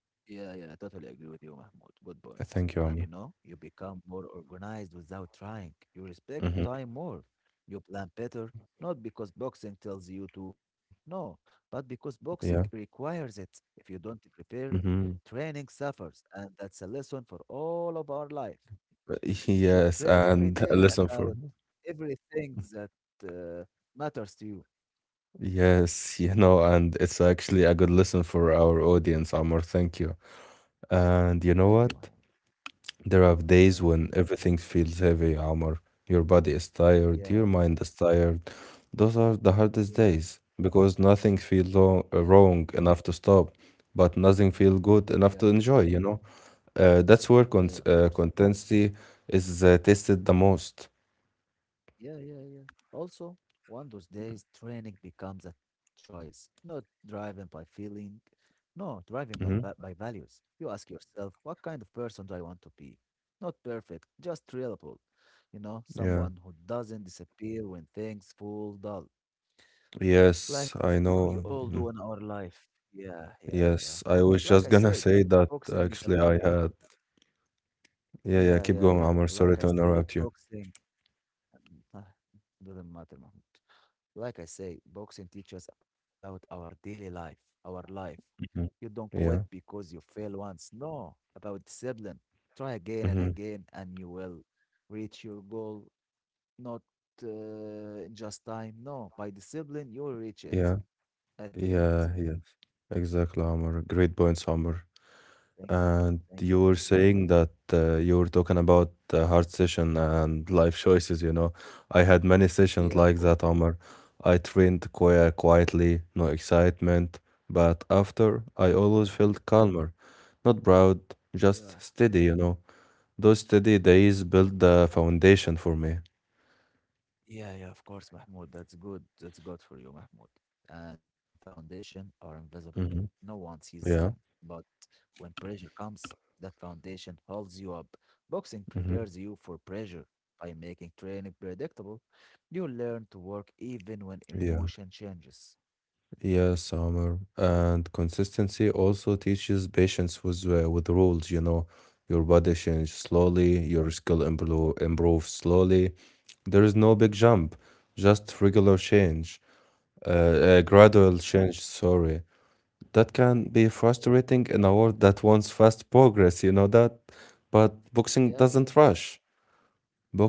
[SPEAKER 2] yeah, yeah. I totally agree with you, Mahmoud. Good point.
[SPEAKER 1] Thank you,
[SPEAKER 2] And you
[SPEAKER 1] Amma.
[SPEAKER 2] know, you become more organized without trying. You respect
[SPEAKER 1] Hmm.
[SPEAKER 2] time more. You plan better, not because boxing tells you to, no, but because boxing
[SPEAKER 1] Yeah.
[SPEAKER 2] requires it. If you don't prepare,
[SPEAKER 1] Hmm.
[SPEAKER 2] training suffers. And that's a lesson for all of our life. You should
[SPEAKER 1] Yes,
[SPEAKER 2] train every
[SPEAKER 1] and
[SPEAKER 2] day
[SPEAKER 1] listen for.
[SPEAKER 2] about everything that uh, matters to you.
[SPEAKER 1] Yes, you know, and it's actually a good lesson for our audience, Amor. Thank you. And you
[SPEAKER 2] Thank
[SPEAKER 1] know
[SPEAKER 2] you, Mahmoud.
[SPEAKER 1] what? There are days
[SPEAKER 2] Yeah.
[SPEAKER 1] when everything feels heavy, Amor. Your body is tired,
[SPEAKER 2] Yeah.
[SPEAKER 1] your mind is tired. Those are the hardest
[SPEAKER 2] Yeah.
[SPEAKER 1] days because nothing feels
[SPEAKER 2] Yeah,
[SPEAKER 1] wrong enough to stop, but nothing feels good
[SPEAKER 2] yeah,
[SPEAKER 1] enough to enjoy, you know? That's where
[SPEAKER 2] yeah, of course.
[SPEAKER 1] consistency is tested the most.
[SPEAKER 2] Yeah, yeah, yeah. Also, one of those days, training becomes a choice, not driven by feeling, no, driven by, by
[SPEAKER 1] Hmm.
[SPEAKER 2] values. You ask yourself, what kind of person do I want to be? Not perfect, just reliable. You know,
[SPEAKER 1] Yeah.
[SPEAKER 2] someone who doesn't disappear when things fall dull,
[SPEAKER 1] Yes,
[SPEAKER 2] like we
[SPEAKER 1] I
[SPEAKER 2] all
[SPEAKER 1] know.
[SPEAKER 2] do in our
[SPEAKER 1] Mm-hmm.
[SPEAKER 2] life. Yeah, yeah, yeah.
[SPEAKER 1] Yes, I
[SPEAKER 2] Like I
[SPEAKER 1] was just
[SPEAKER 2] said,
[SPEAKER 1] gonna say that
[SPEAKER 2] boxing is about.
[SPEAKER 1] actually I had yeah, yeah,
[SPEAKER 2] Yeah,
[SPEAKER 1] keep
[SPEAKER 2] yeah,
[SPEAKER 1] going,
[SPEAKER 2] yeah.
[SPEAKER 1] Amr,
[SPEAKER 2] Like
[SPEAKER 1] sorry
[SPEAKER 2] I
[SPEAKER 1] to
[SPEAKER 2] said,
[SPEAKER 1] interrupt you.
[SPEAKER 2] boxing Ah, doesn't matter, Mahmoud. Like I say, boxing teaches about our daily life, our life. You
[SPEAKER 1] Mhm.
[SPEAKER 2] don't quit
[SPEAKER 1] Yeah.
[SPEAKER 2] because you fail once. No, about discipline. Try again and
[SPEAKER 1] Hmm.
[SPEAKER 2] again, and you will reach your goal. Not uh, in just time. No, by discipline, you will reach it
[SPEAKER 1] Yeah,
[SPEAKER 2] at the end.
[SPEAKER 1] yeah, yeah, exactly, Amr, great points, Amr.
[SPEAKER 2] Thank you.
[SPEAKER 1] And
[SPEAKER 2] Thank you,
[SPEAKER 1] you
[SPEAKER 2] Mahmoud.
[SPEAKER 1] were saying that you were talking about hard session and life choices, you know. I had many sessions
[SPEAKER 2] Yeah, of
[SPEAKER 1] like
[SPEAKER 2] course.
[SPEAKER 1] that, Amr. I trained quietly, no excitement, but after I
[SPEAKER 2] Yeah,
[SPEAKER 1] always felt calmer, not proud,
[SPEAKER 2] yeah.
[SPEAKER 1] just steady, you know. Those steady days built the foundation for me.
[SPEAKER 2] Yeah, yeah, of course, Mahmoud. That's good. That's good for you, Mahmoud. And foundation are invisible. No
[SPEAKER 1] Hmm.
[SPEAKER 2] one sees them.
[SPEAKER 1] Yeah.
[SPEAKER 2] But when pressure comes, that foundation holds you up. Boxing
[SPEAKER 1] Hmm.
[SPEAKER 2] prepares you for pressure by making training predictable. You learn to work even when
[SPEAKER 1] Yeah.
[SPEAKER 2] emotion changes.
[SPEAKER 1] Yeah, Summer. And consistency also teaches patience with rules, you know. Your body changes
[SPEAKER 2] Yeah,
[SPEAKER 1] slowly, your improves slowly. There is no big jump, just regular change, uh,
[SPEAKER 2] yeah,
[SPEAKER 1] gradual change, sorry.
[SPEAKER 2] yeah,
[SPEAKER 1] That can be
[SPEAKER 2] yeah, of course.
[SPEAKER 1] frustrating in a
[SPEAKER 2] I
[SPEAKER 1] world
[SPEAKER 2] got
[SPEAKER 1] that wants fast progress, you know that? But
[SPEAKER 2] you.
[SPEAKER 1] boxing
[SPEAKER 2] Yeah, yeah,
[SPEAKER 1] doesn't rush.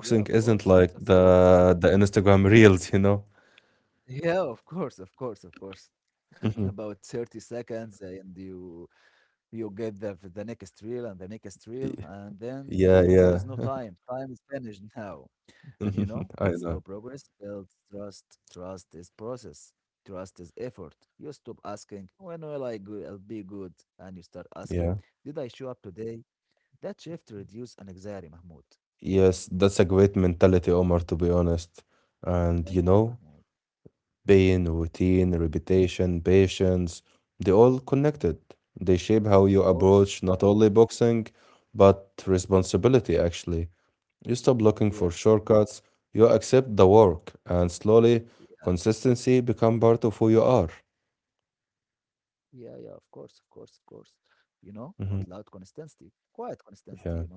[SPEAKER 2] yeah, of
[SPEAKER 1] isn't
[SPEAKER 2] course.
[SPEAKER 1] like
[SPEAKER 2] That's
[SPEAKER 1] the
[SPEAKER 2] love.
[SPEAKER 1] the Instagram reels, you know?
[SPEAKER 2] Yeah, of course, of course, of course.
[SPEAKER 1] Mhm.
[SPEAKER 2] About 30 seconds and you get the next reel and the next reel,
[SPEAKER 1] Y-
[SPEAKER 2] and then
[SPEAKER 1] Yeah,
[SPEAKER 2] there is no
[SPEAKER 1] yeah.
[SPEAKER 2] time. Time is finished now. And you know
[SPEAKER 1] I
[SPEAKER 2] that slow
[SPEAKER 1] know.
[SPEAKER 2] progress builds trust. Trust is process. Trust is effort. You stop asking, when will I go- I'll be good? And you start
[SPEAKER 1] Yeah.
[SPEAKER 2] asking, did I show up today? That shift reduce anxiety, Mahmoud.
[SPEAKER 1] Yes, that's a great mentality, Omar, to be honest. And
[SPEAKER 2] Thank
[SPEAKER 1] you
[SPEAKER 2] you,
[SPEAKER 1] know,
[SPEAKER 2] Mahmoud.
[SPEAKER 1] pain, routine,
[SPEAKER 2] Mm,
[SPEAKER 1] repetition, patience, they all connected. They shape how you
[SPEAKER 2] of course,
[SPEAKER 1] approach
[SPEAKER 2] of course.
[SPEAKER 1] not only boxing, but responsibility, actually. You stop looking for
[SPEAKER 2] Yeah,
[SPEAKER 1] shortcuts, you accept the work, and slowly,
[SPEAKER 2] yeah,
[SPEAKER 1] consistency become part of who you are.
[SPEAKER 2] yeah, yeah, of course, of course, of course. You know, not loud
[SPEAKER 1] Hmm.
[SPEAKER 2] consistency, quiet consistency, you
[SPEAKER 1] Yeah,
[SPEAKER 2] know.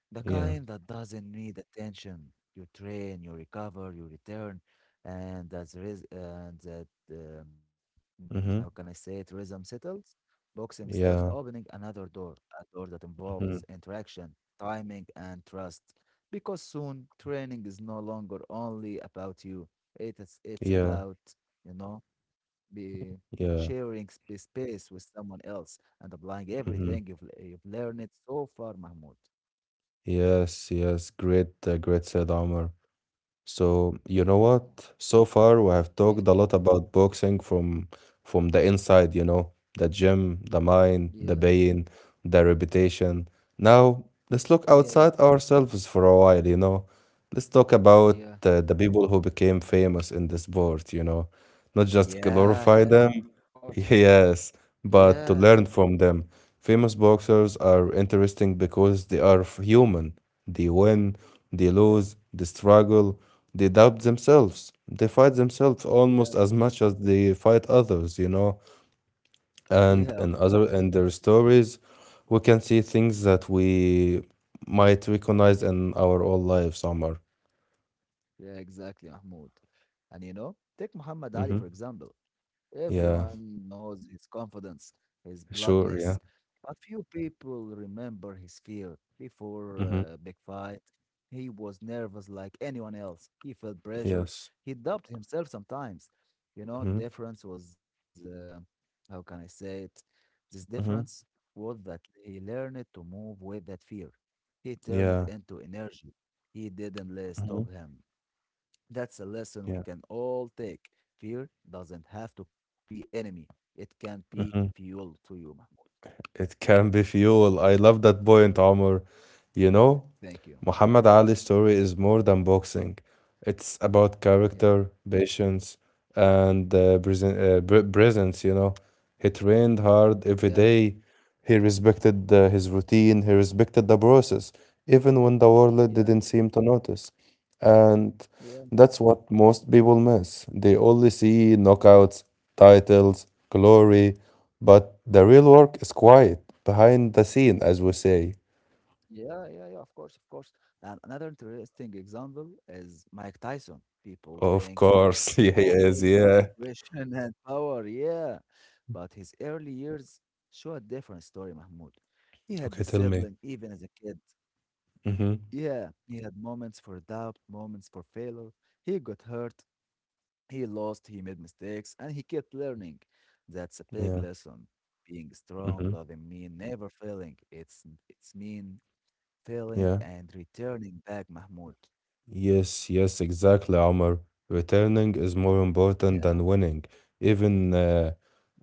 [SPEAKER 2] The
[SPEAKER 1] yeah.
[SPEAKER 2] kind that doesn't need attention. You train, you recover, you return, and as a res- and that mm, how can I
[SPEAKER 1] Mm-hmm.
[SPEAKER 2] say it? Rhythm settles. Boxing starts
[SPEAKER 1] Yeah.
[SPEAKER 2] opening another door, a door that involves
[SPEAKER 1] Mm-hmm.
[SPEAKER 2] interaction, timing, and trust. Because soon training is no longer only about you. It's
[SPEAKER 1] Yeah.
[SPEAKER 2] about you know be sharing
[SPEAKER 1] Yeah.
[SPEAKER 2] space with someone else and applying everything
[SPEAKER 1] Mm-hmm.
[SPEAKER 2] you've learned so far, Mahmoud.
[SPEAKER 1] Yes. Yes. Great. Great said, Omar. So you know
[SPEAKER 2] Thank you, Mahmoud.
[SPEAKER 1] what? So far, we have
[SPEAKER 2] Yeah,
[SPEAKER 1] talked a lot about boxing from the inside. You know, the gym, the
[SPEAKER 2] yeah,
[SPEAKER 1] mind, the pain, the reputation. Now, let's look
[SPEAKER 2] yeah,
[SPEAKER 1] outside ourselves for a while, you know. Let's talk about
[SPEAKER 2] yeah,
[SPEAKER 1] the people who became famous in the sport, you know. Not just
[SPEAKER 2] yeah,
[SPEAKER 1] glorify
[SPEAKER 2] yeah, of
[SPEAKER 1] them,
[SPEAKER 2] course.
[SPEAKER 1] yes,
[SPEAKER 2] Yeah,
[SPEAKER 1] but to learn from them. Famous boxers are interesting because they are human. They win, they
[SPEAKER 2] yeah,
[SPEAKER 1] lose, they struggle, they doubt themselves. They fight themselves
[SPEAKER 2] yeah,
[SPEAKER 1] almost as much as they fight others, you know,
[SPEAKER 2] yeah, of
[SPEAKER 1] and
[SPEAKER 2] course.
[SPEAKER 1] in their stories we can see things that we might recognize in our own lives somewhere.
[SPEAKER 2] Yeah, exactly, Mahmoud. And you know, take Muhammad Ali,
[SPEAKER 1] Mm-hmm.
[SPEAKER 2] for example.
[SPEAKER 1] Yeah.
[SPEAKER 2] Everyone knows his confidence, his
[SPEAKER 1] Sure, yeah.
[SPEAKER 2] bloodness, but few people remember his fear. Before
[SPEAKER 1] Mm-hmm.
[SPEAKER 2] a big fight, he was nervous like anyone else. He felt pressure.
[SPEAKER 1] Yes.
[SPEAKER 2] He doubted himself sometimes. You know,
[SPEAKER 1] Mm-hmm.
[SPEAKER 2] difference was, how can I say it? This difference
[SPEAKER 1] Mm-hmm.
[SPEAKER 2] was that he learned to move with that fear. He turned it
[SPEAKER 1] Yeah.
[SPEAKER 2] into energy. He didn't let it
[SPEAKER 1] Mm-hmm.
[SPEAKER 2] stop him. That's a lesson we
[SPEAKER 1] Yeah.
[SPEAKER 2] can all take. Fear doesn't have to be enemy. It can be
[SPEAKER 1] Mm-hmm.
[SPEAKER 2] fuel to you, Mahmoud.
[SPEAKER 1] It can be fuel, I love that point, Omar. You know,
[SPEAKER 2] Thank you.
[SPEAKER 1] Muhammad Ali's story is more than boxing. It's about
[SPEAKER 2] Yeah.
[SPEAKER 1] character, patience, and presence, you know. He trained hard
[SPEAKER 2] Yeah.
[SPEAKER 1] every day. He respected his routine. He respected the process, even when the world
[SPEAKER 2] Yeah.
[SPEAKER 1] didn't seem to notice. And
[SPEAKER 2] Yeah.
[SPEAKER 1] that's what most people miss. They only see
[SPEAKER 2] Yeah.
[SPEAKER 1] knockouts, titles, glory, but the real work is quiet, behind the scene, as we say.
[SPEAKER 2] Yeah. Yeah, yeah, of course. Of course. And another interesting example is Mike Tyson. People
[SPEAKER 1] Of
[SPEAKER 2] think he was
[SPEAKER 1] course, yeah, he is.
[SPEAKER 2] always
[SPEAKER 1] Yeah.
[SPEAKER 2] aggression and power. Yeah. But his early years show a different story, Mahmoud. He had
[SPEAKER 1] Okay, tell me.
[SPEAKER 2] discipline even as a kid.
[SPEAKER 1] Mm-hmm.
[SPEAKER 2] Yeah. He had moments for doubt, moments for failure. He got hurt, he lost, he made mistakes, and he kept learning. That's a big
[SPEAKER 1] Yeah.
[SPEAKER 2] lesson. Being strong
[SPEAKER 1] Mm-hmm.
[SPEAKER 2] doesn't mean never failing. It's mean failing
[SPEAKER 1] Yeah.
[SPEAKER 2] and returning back, Mahmoud.
[SPEAKER 1] Yes, yes, exactly, Omar. Returning is more important
[SPEAKER 2] Yeah,
[SPEAKER 1] than winning. Even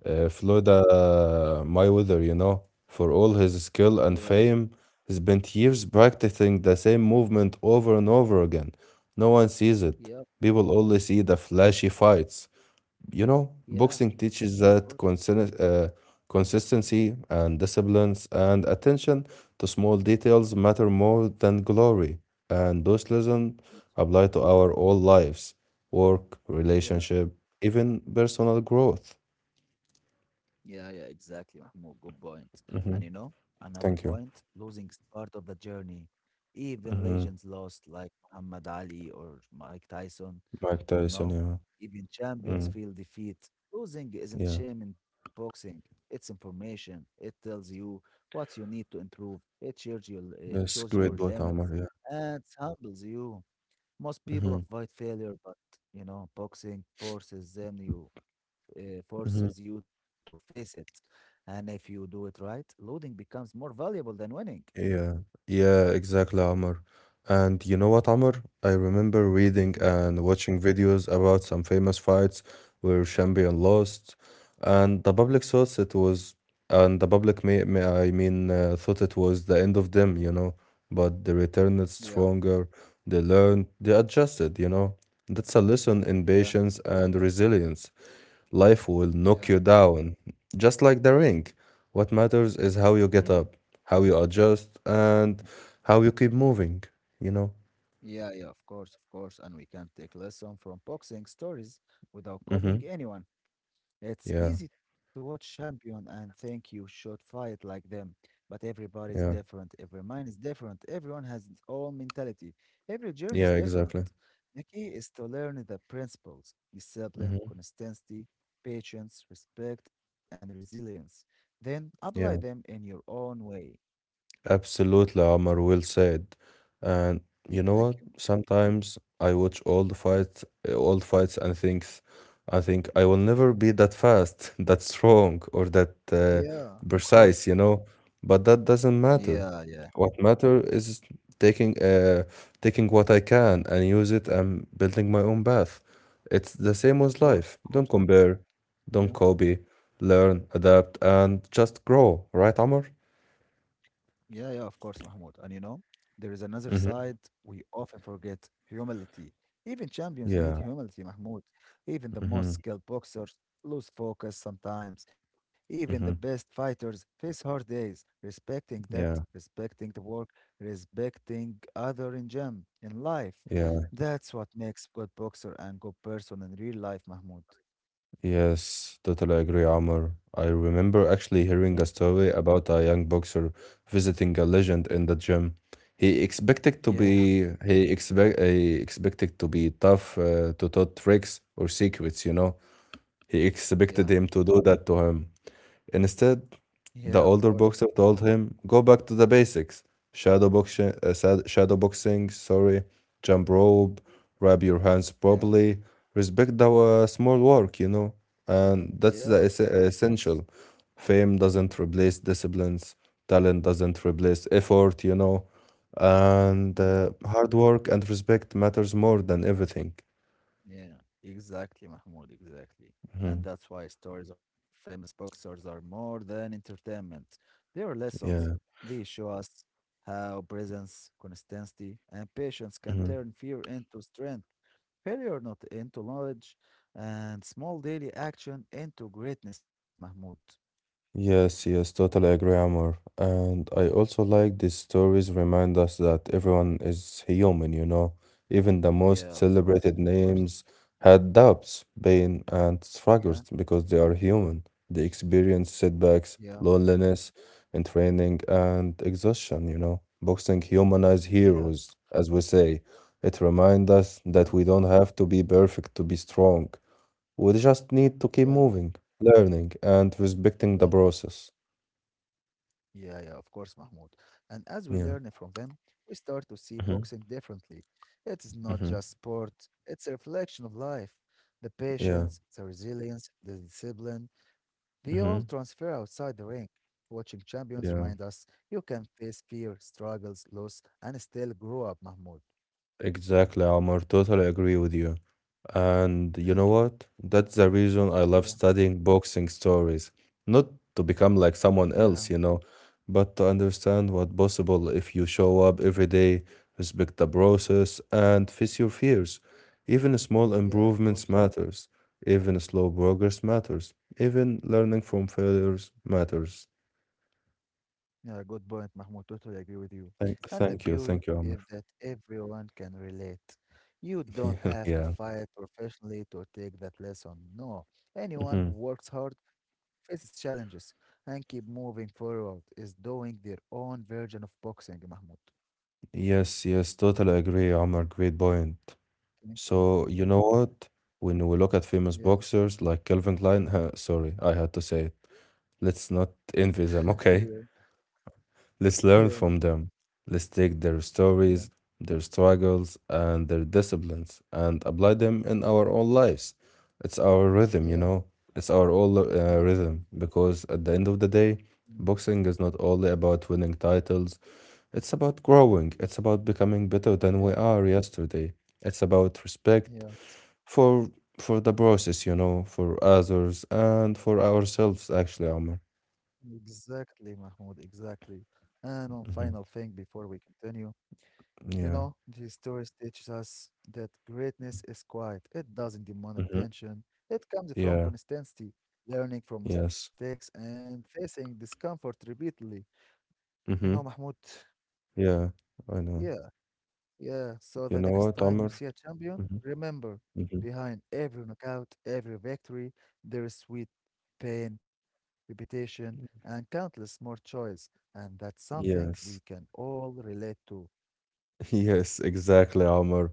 [SPEAKER 1] Floda Mayweather, you know, for all his skill and
[SPEAKER 2] yeah,
[SPEAKER 1] fame, he spent years practicing the same movement over and over again. No one sees it.
[SPEAKER 2] yeah,
[SPEAKER 1] People only see the flashy fights. You know,
[SPEAKER 2] yeah, of
[SPEAKER 1] boxing teaches
[SPEAKER 2] course,
[SPEAKER 1] that consistency and disciplines and attention to small details matter more than glory. And those lessons
[SPEAKER 2] of course. Of course.
[SPEAKER 1] apply to our all lives, work,
[SPEAKER 2] Yeah,
[SPEAKER 1] relationship, even personal growth.
[SPEAKER 2] yeah, yeah, exactly, Mahmoud. Good point. And you
[SPEAKER 1] Hmm
[SPEAKER 2] know, another
[SPEAKER 1] Thank
[SPEAKER 2] point,
[SPEAKER 1] you.
[SPEAKER 2] losing is part of the journey. Even
[SPEAKER 1] Hmm
[SPEAKER 2] legends lost, like Muhammad Ali or Mike Tyson,
[SPEAKER 1] Mike
[SPEAKER 2] you
[SPEAKER 1] Tyson,
[SPEAKER 2] know,
[SPEAKER 1] yeah.
[SPEAKER 2] even champions
[SPEAKER 1] Mm,
[SPEAKER 2] feel defeat. Losing isn't
[SPEAKER 1] yeah.
[SPEAKER 2] shame in boxing, it's information. It tells you what you need to improve, it
[SPEAKER 1] That's
[SPEAKER 2] shows your
[SPEAKER 1] great boat,
[SPEAKER 2] limits,
[SPEAKER 1] Omar, yeah.
[SPEAKER 2] and humbles you. Most people
[SPEAKER 1] hmm
[SPEAKER 2] avoid failure, but you know, boxing
[SPEAKER 1] hmm
[SPEAKER 2] forces you to face it. And if you do it right, losing becomes more valuable than winning.
[SPEAKER 1] Yeah. Yeah, exactly, Omar. And you know what, Amr? I remember reading
[SPEAKER 2] But
[SPEAKER 1] and watching videos about some famous fights where champion lost, and the public thought it was, and the public thought it was the end of them. But they returned
[SPEAKER 2] yeah,
[SPEAKER 1] stronger. They learned. They adjusted. You know, that's a lesson in
[SPEAKER 2] yeah,
[SPEAKER 1] patience and resilience. Life will knock
[SPEAKER 2] yeah.
[SPEAKER 1] you down, just like the ring. What matters is how you
[SPEAKER 2] Mm,
[SPEAKER 1] get up, how you adjust,
[SPEAKER 2] yeah.
[SPEAKER 1] and how you keep moving you know?
[SPEAKER 2] Yeah, yeah, of course, of course. And we can take lesson from boxing stories without copying
[SPEAKER 1] Hmm
[SPEAKER 2] anyone. It's
[SPEAKER 1] Yeah,
[SPEAKER 2] easy to watch champion and think you should fight like them, but everybody is
[SPEAKER 1] yeah,
[SPEAKER 2] different, every mind is different, everyone has its own mentality, every journey is
[SPEAKER 1] yeah,
[SPEAKER 2] different.
[SPEAKER 1] exactly.
[SPEAKER 2] The key is to learn the principles, discipline,
[SPEAKER 1] hmm
[SPEAKER 2] consistency, patience, respect, and resilience. Then apply them
[SPEAKER 1] Yeah.
[SPEAKER 2] in your own way.
[SPEAKER 1] Absolutely, Omar, well said. And you know
[SPEAKER 2] Thank
[SPEAKER 1] what?
[SPEAKER 2] you, Mahmoud.
[SPEAKER 1] Sometimes I watch all the fights, and thinks, I think I will never be that fast, that strong, or that
[SPEAKER 2] Yeah, of course.
[SPEAKER 1] precise. But that doesn't matter.
[SPEAKER 2] Yeah, yeah.
[SPEAKER 1] What matter is taking, uh, taking what I can and use it and building my own path. It's the same
[SPEAKER 2] Of
[SPEAKER 1] with
[SPEAKER 2] course,
[SPEAKER 1] life.
[SPEAKER 2] of
[SPEAKER 1] Don't
[SPEAKER 2] course.
[SPEAKER 1] compare, don't
[SPEAKER 2] Yeah.
[SPEAKER 1] copy, learn, adapt, and just grow. Right, Omar?
[SPEAKER 2] Yeah, yeah, of course, Mahmoud. And you know, there is another
[SPEAKER 1] Mm-hmm.
[SPEAKER 2] side we often forget humility. Even champions need
[SPEAKER 1] Yeah.
[SPEAKER 2] humility, Mahmoud. Even the most
[SPEAKER 1] Mhm,
[SPEAKER 2] skilled boxers lose focus sometimes. Even the best
[SPEAKER 1] mhm.
[SPEAKER 2] fighters face hard days. Respecting that,
[SPEAKER 1] Yeah,
[SPEAKER 2] respecting the work, respecting other in gym, in life.
[SPEAKER 1] yeah,
[SPEAKER 2] That's what makes good boxer and good person in real life, Mahmoud.
[SPEAKER 1] yes, totally agree, Amr. I remember actually
[SPEAKER 2] Thank you.
[SPEAKER 1] hearing a story about a young boxer visiting a legend in the gym. He expected to
[SPEAKER 2] Yeah,
[SPEAKER 1] be he expect he expected to be tough to taught tricks or secrets. He expected
[SPEAKER 2] yeah,
[SPEAKER 1] him to do that to him. Instead,
[SPEAKER 2] yeah, of
[SPEAKER 1] the
[SPEAKER 2] course.
[SPEAKER 1] older boxer told him, "Go back to the basics: shadow boxing, shadow boxing. Sorry, jump rope, wrap your hands
[SPEAKER 2] Yeah,
[SPEAKER 1] properly, respect the small work. And that's
[SPEAKER 2] yeah,
[SPEAKER 1] the
[SPEAKER 2] of course.
[SPEAKER 1] essential. Fame doesn't replace disciplines. Talent doesn't replace effort. You know, and
[SPEAKER 2] Yeah.
[SPEAKER 1] uh, hard work and respect matters more than everything.
[SPEAKER 2] Yeah, exactly, Mahmoud, exactly. And
[SPEAKER 1] Mhm.
[SPEAKER 2] that's why stories of famous boxers are more than entertainment. They are lessons.
[SPEAKER 1] Yeah.
[SPEAKER 2] They show us how presence, consistency, and patience can
[SPEAKER 1] hmm.
[SPEAKER 2] turn fear into strength, failure not into knowledge, and small daily action into greatness, Mahmoud.
[SPEAKER 1] Yes, yes, totally agree, Amor. And I also like these stories remind us that everyone is human, you know. Even the
[SPEAKER 2] Yeah,
[SPEAKER 1] most
[SPEAKER 2] of course,
[SPEAKER 1] celebrated
[SPEAKER 2] of course.
[SPEAKER 1] names had doubts, pain, and struggles
[SPEAKER 2] Yeah,
[SPEAKER 1] because they are human. They experience
[SPEAKER 2] yeah,
[SPEAKER 1] setbacks, loneliness, and training and exhaustion, you know. Boxing humanize
[SPEAKER 2] yeah,
[SPEAKER 1] heroes, as we say. It reminds us
[SPEAKER 2] yeah,
[SPEAKER 1] that we don't have to be perfect to be strong. We just need to keep
[SPEAKER 2] yeah,
[SPEAKER 1] moving, learning, and
[SPEAKER 2] yeah.
[SPEAKER 1] respecting the process.
[SPEAKER 2] Yeah, yeah, of course, Mahmoud. And as we
[SPEAKER 1] Yeah,
[SPEAKER 2] learn from them, we start to see
[SPEAKER 1] mm-hmm.
[SPEAKER 2] boxing differently. It is not
[SPEAKER 1] Mm-hmm.
[SPEAKER 2] just sport, it's a reflection of life. The
[SPEAKER 1] Yeah,
[SPEAKER 2] patience, the resilience, the discipline, they all
[SPEAKER 1] mm-hmm.
[SPEAKER 2] transfer outside the ring. Watching champions remind
[SPEAKER 1] Yeah.
[SPEAKER 2] us you can face fear, struggles, loss, and still grow up, Mahmoud.
[SPEAKER 1] Exactly, Omar. Totally agree with you. And you know
[SPEAKER 2] Thank you.
[SPEAKER 1] what? That's the reason I love
[SPEAKER 2] Yeah,
[SPEAKER 1] studying boxing stories. Not to become like someone
[SPEAKER 2] yeah,
[SPEAKER 1] else, you know, but to understand what possible if you show up every day, respect the process, and face your fears. Even small
[SPEAKER 2] yeah, of
[SPEAKER 1] improvements
[SPEAKER 2] course.
[SPEAKER 1] matters. Even slow progress matters. Even learning from failures matters.
[SPEAKER 2] Yeah, good point, Mahmoud. Totally agree with you. And the beauty
[SPEAKER 1] Thank you, Amr.
[SPEAKER 2] is that everyone can relate. You don't have to
[SPEAKER 1] Yeah.
[SPEAKER 2] fight professionally to take that lesson. No, anyone who
[SPEAKER 1] Mhm.
[SPEAKER 2] works hard, faces challenges, and keep moving forward is doing their own version of boxing, Mahmoud.
[SPEAKER 1] Yes, yes, totally agree, Amr. Great point.
[SPEAKER 2] Thank you,
[SPEAKER 1] So,
[SPEAKER 2] Mahmoud.
[SPEAKER 1] you know
[SPEAKER 2] Thank you.
[SPEAKER 1] what? When we look at famous
[SPEAKER 2] Yeah,
[SPEAKER 1] boxers like Calvin Klein, sorry, I had to say it. Let's not envy them,
[SPEAKER 2] yeah,
[SPEAKER 1] okay? Let's
[SPEAKER 2] yeah,
[SPEAKER 1] learn from them. Let's take their
[SPEAKER 2] yeah,
[SPEAKER 1] stories, their struggles, and their disciplines and apply them in our own lives. It's our rhythm, you
[SPEAKER 2] yeah,
[SPEAKER 1] know? It's our own
[SPEAKER 2] yeah, of course.
[SPEAKER 1] rhythm because at the end of the day,
[SPEAKER 2] Mm,
[SPEAKER 1] boxing is not only about winning titles, it's about growing, it's about becoming better than
[SPEAKER 2] yeah,
[SPEAKER 1] we are yesterday. It's about respect
[SPEAKER 2] yeah,
[SPEAKER 1] for for the process, you know, for others and for ourselves actually, Omar.
[SPEAKER 2] exactly, Mahmoud. Exactly. And one final
[SPEAKER 1] Hmm
[SPEAKER 2] thing before we continue. You
[SPEAKER 1] Yeah.
[SPEAKER 2] know, these stories teaches us that greatness is quiet. It doesn't demand
[SPEAKER 1] hmm
[SPEAKER 2] attention. It comes from
[SPEAKER 1] Yeah.
[SPEAKER 2] consistency, learning from
[SPEAKER 1] Yes.
[SPEAKER 2] mistakes, and facing discomfort repeatedly. You know,
[SPEAKER 1] hmm
[SPEAKER 2] Mahmoud,
[SPEAKER 1] Yeah, I know.
[SPEAKER 2] yeah, yeah. So
[SPEAKER 1] You
[SPEAKER 2] the
[SPEAKER 1] know
[SPEAKER 2] next
[SPEAKER 1] what,
[SPEAKER 2] time you
[SPEAKER 1] Amr?
[SPEAKER 2] see a champion,
[SPEAKER 1] Hmm
[SPEAKER 2] remember,
[SPEAKER 1] hmm
[SPEAKER 2] behind every knockout, every victory, there is sweat, pain, repetition, and countless more choice. And that's something we
[SPEAKER 1] Yes.
[SPEAKER 2] can all relate to.
[SPEAKER 1] Yes, exactly, Amr.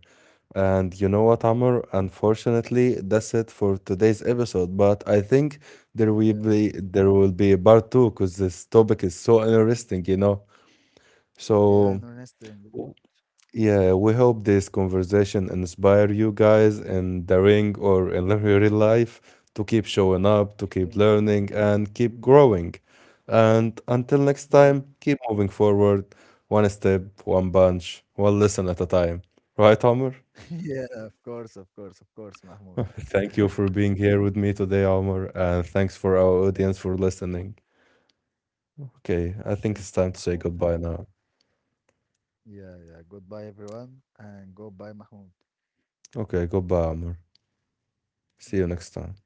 [SPEAKER 1] And you know what,
[SPEAKER 2] Yeah,
[SPEAKER 1] Amr? Unfortunately,
[SPEAKER 2] well,
[SPEAKER 1] that's it for today's episode. But I think
[SPEAKER 2] yeah,
[SPEAKER 1] there will be a part two because this topic is so interesting, you know.
[SPEAKER 2] yeah,
[SPEAKER 1] So,
[SPEAKER 2] interesting.
[SPEAKER 1] yeah, we hope this conversation inspire you guys in the ring or in the real life to keep showing up, to
[SPEAKER 2] Yeah,
[SPEAKER 1] keep learning, and keep growing. And until
[SPEAKER 2] yeah,
[SPEAKER 1] next time, keep moving forward, one step, one bunch, one lesson at a time. Right, Omar?
[SPEAKER 2] yeah, of course, of course, of course, Mahmoud.
[SPEAKER 1] Thank you for being here with me today, Omar, and thanks for our
[SPEAKER 2] Thank
[SPEAKER 1] audience
[SPEAKER 2] you,
[SPEAKER 1] for
[SPEAKER 2] Mah-
[SPEAKER 1] listening. Okay, I
[SPEAKER 2] thank
[SPEAKER 1] think
[SPEAKER 2] you,
[SPEAKER 1] it's time to
[SPEAKER 2] Mahmoud.
[SPEAKER 1] say
[SPEAKER 2] Thank
[SPEAKER 1] goodbye
[SPEAKER 2] you.
[SPEAKER 1] now.
[SPEAKER 2] Yeah, yeah. Goodbye, everyone, and goodbye, Mahmoud.
[SPEAKER 1] Okay, goodbye, Omar. See you next
[SPEAKER 2] Goodbye.
[SPEAKER 1] time.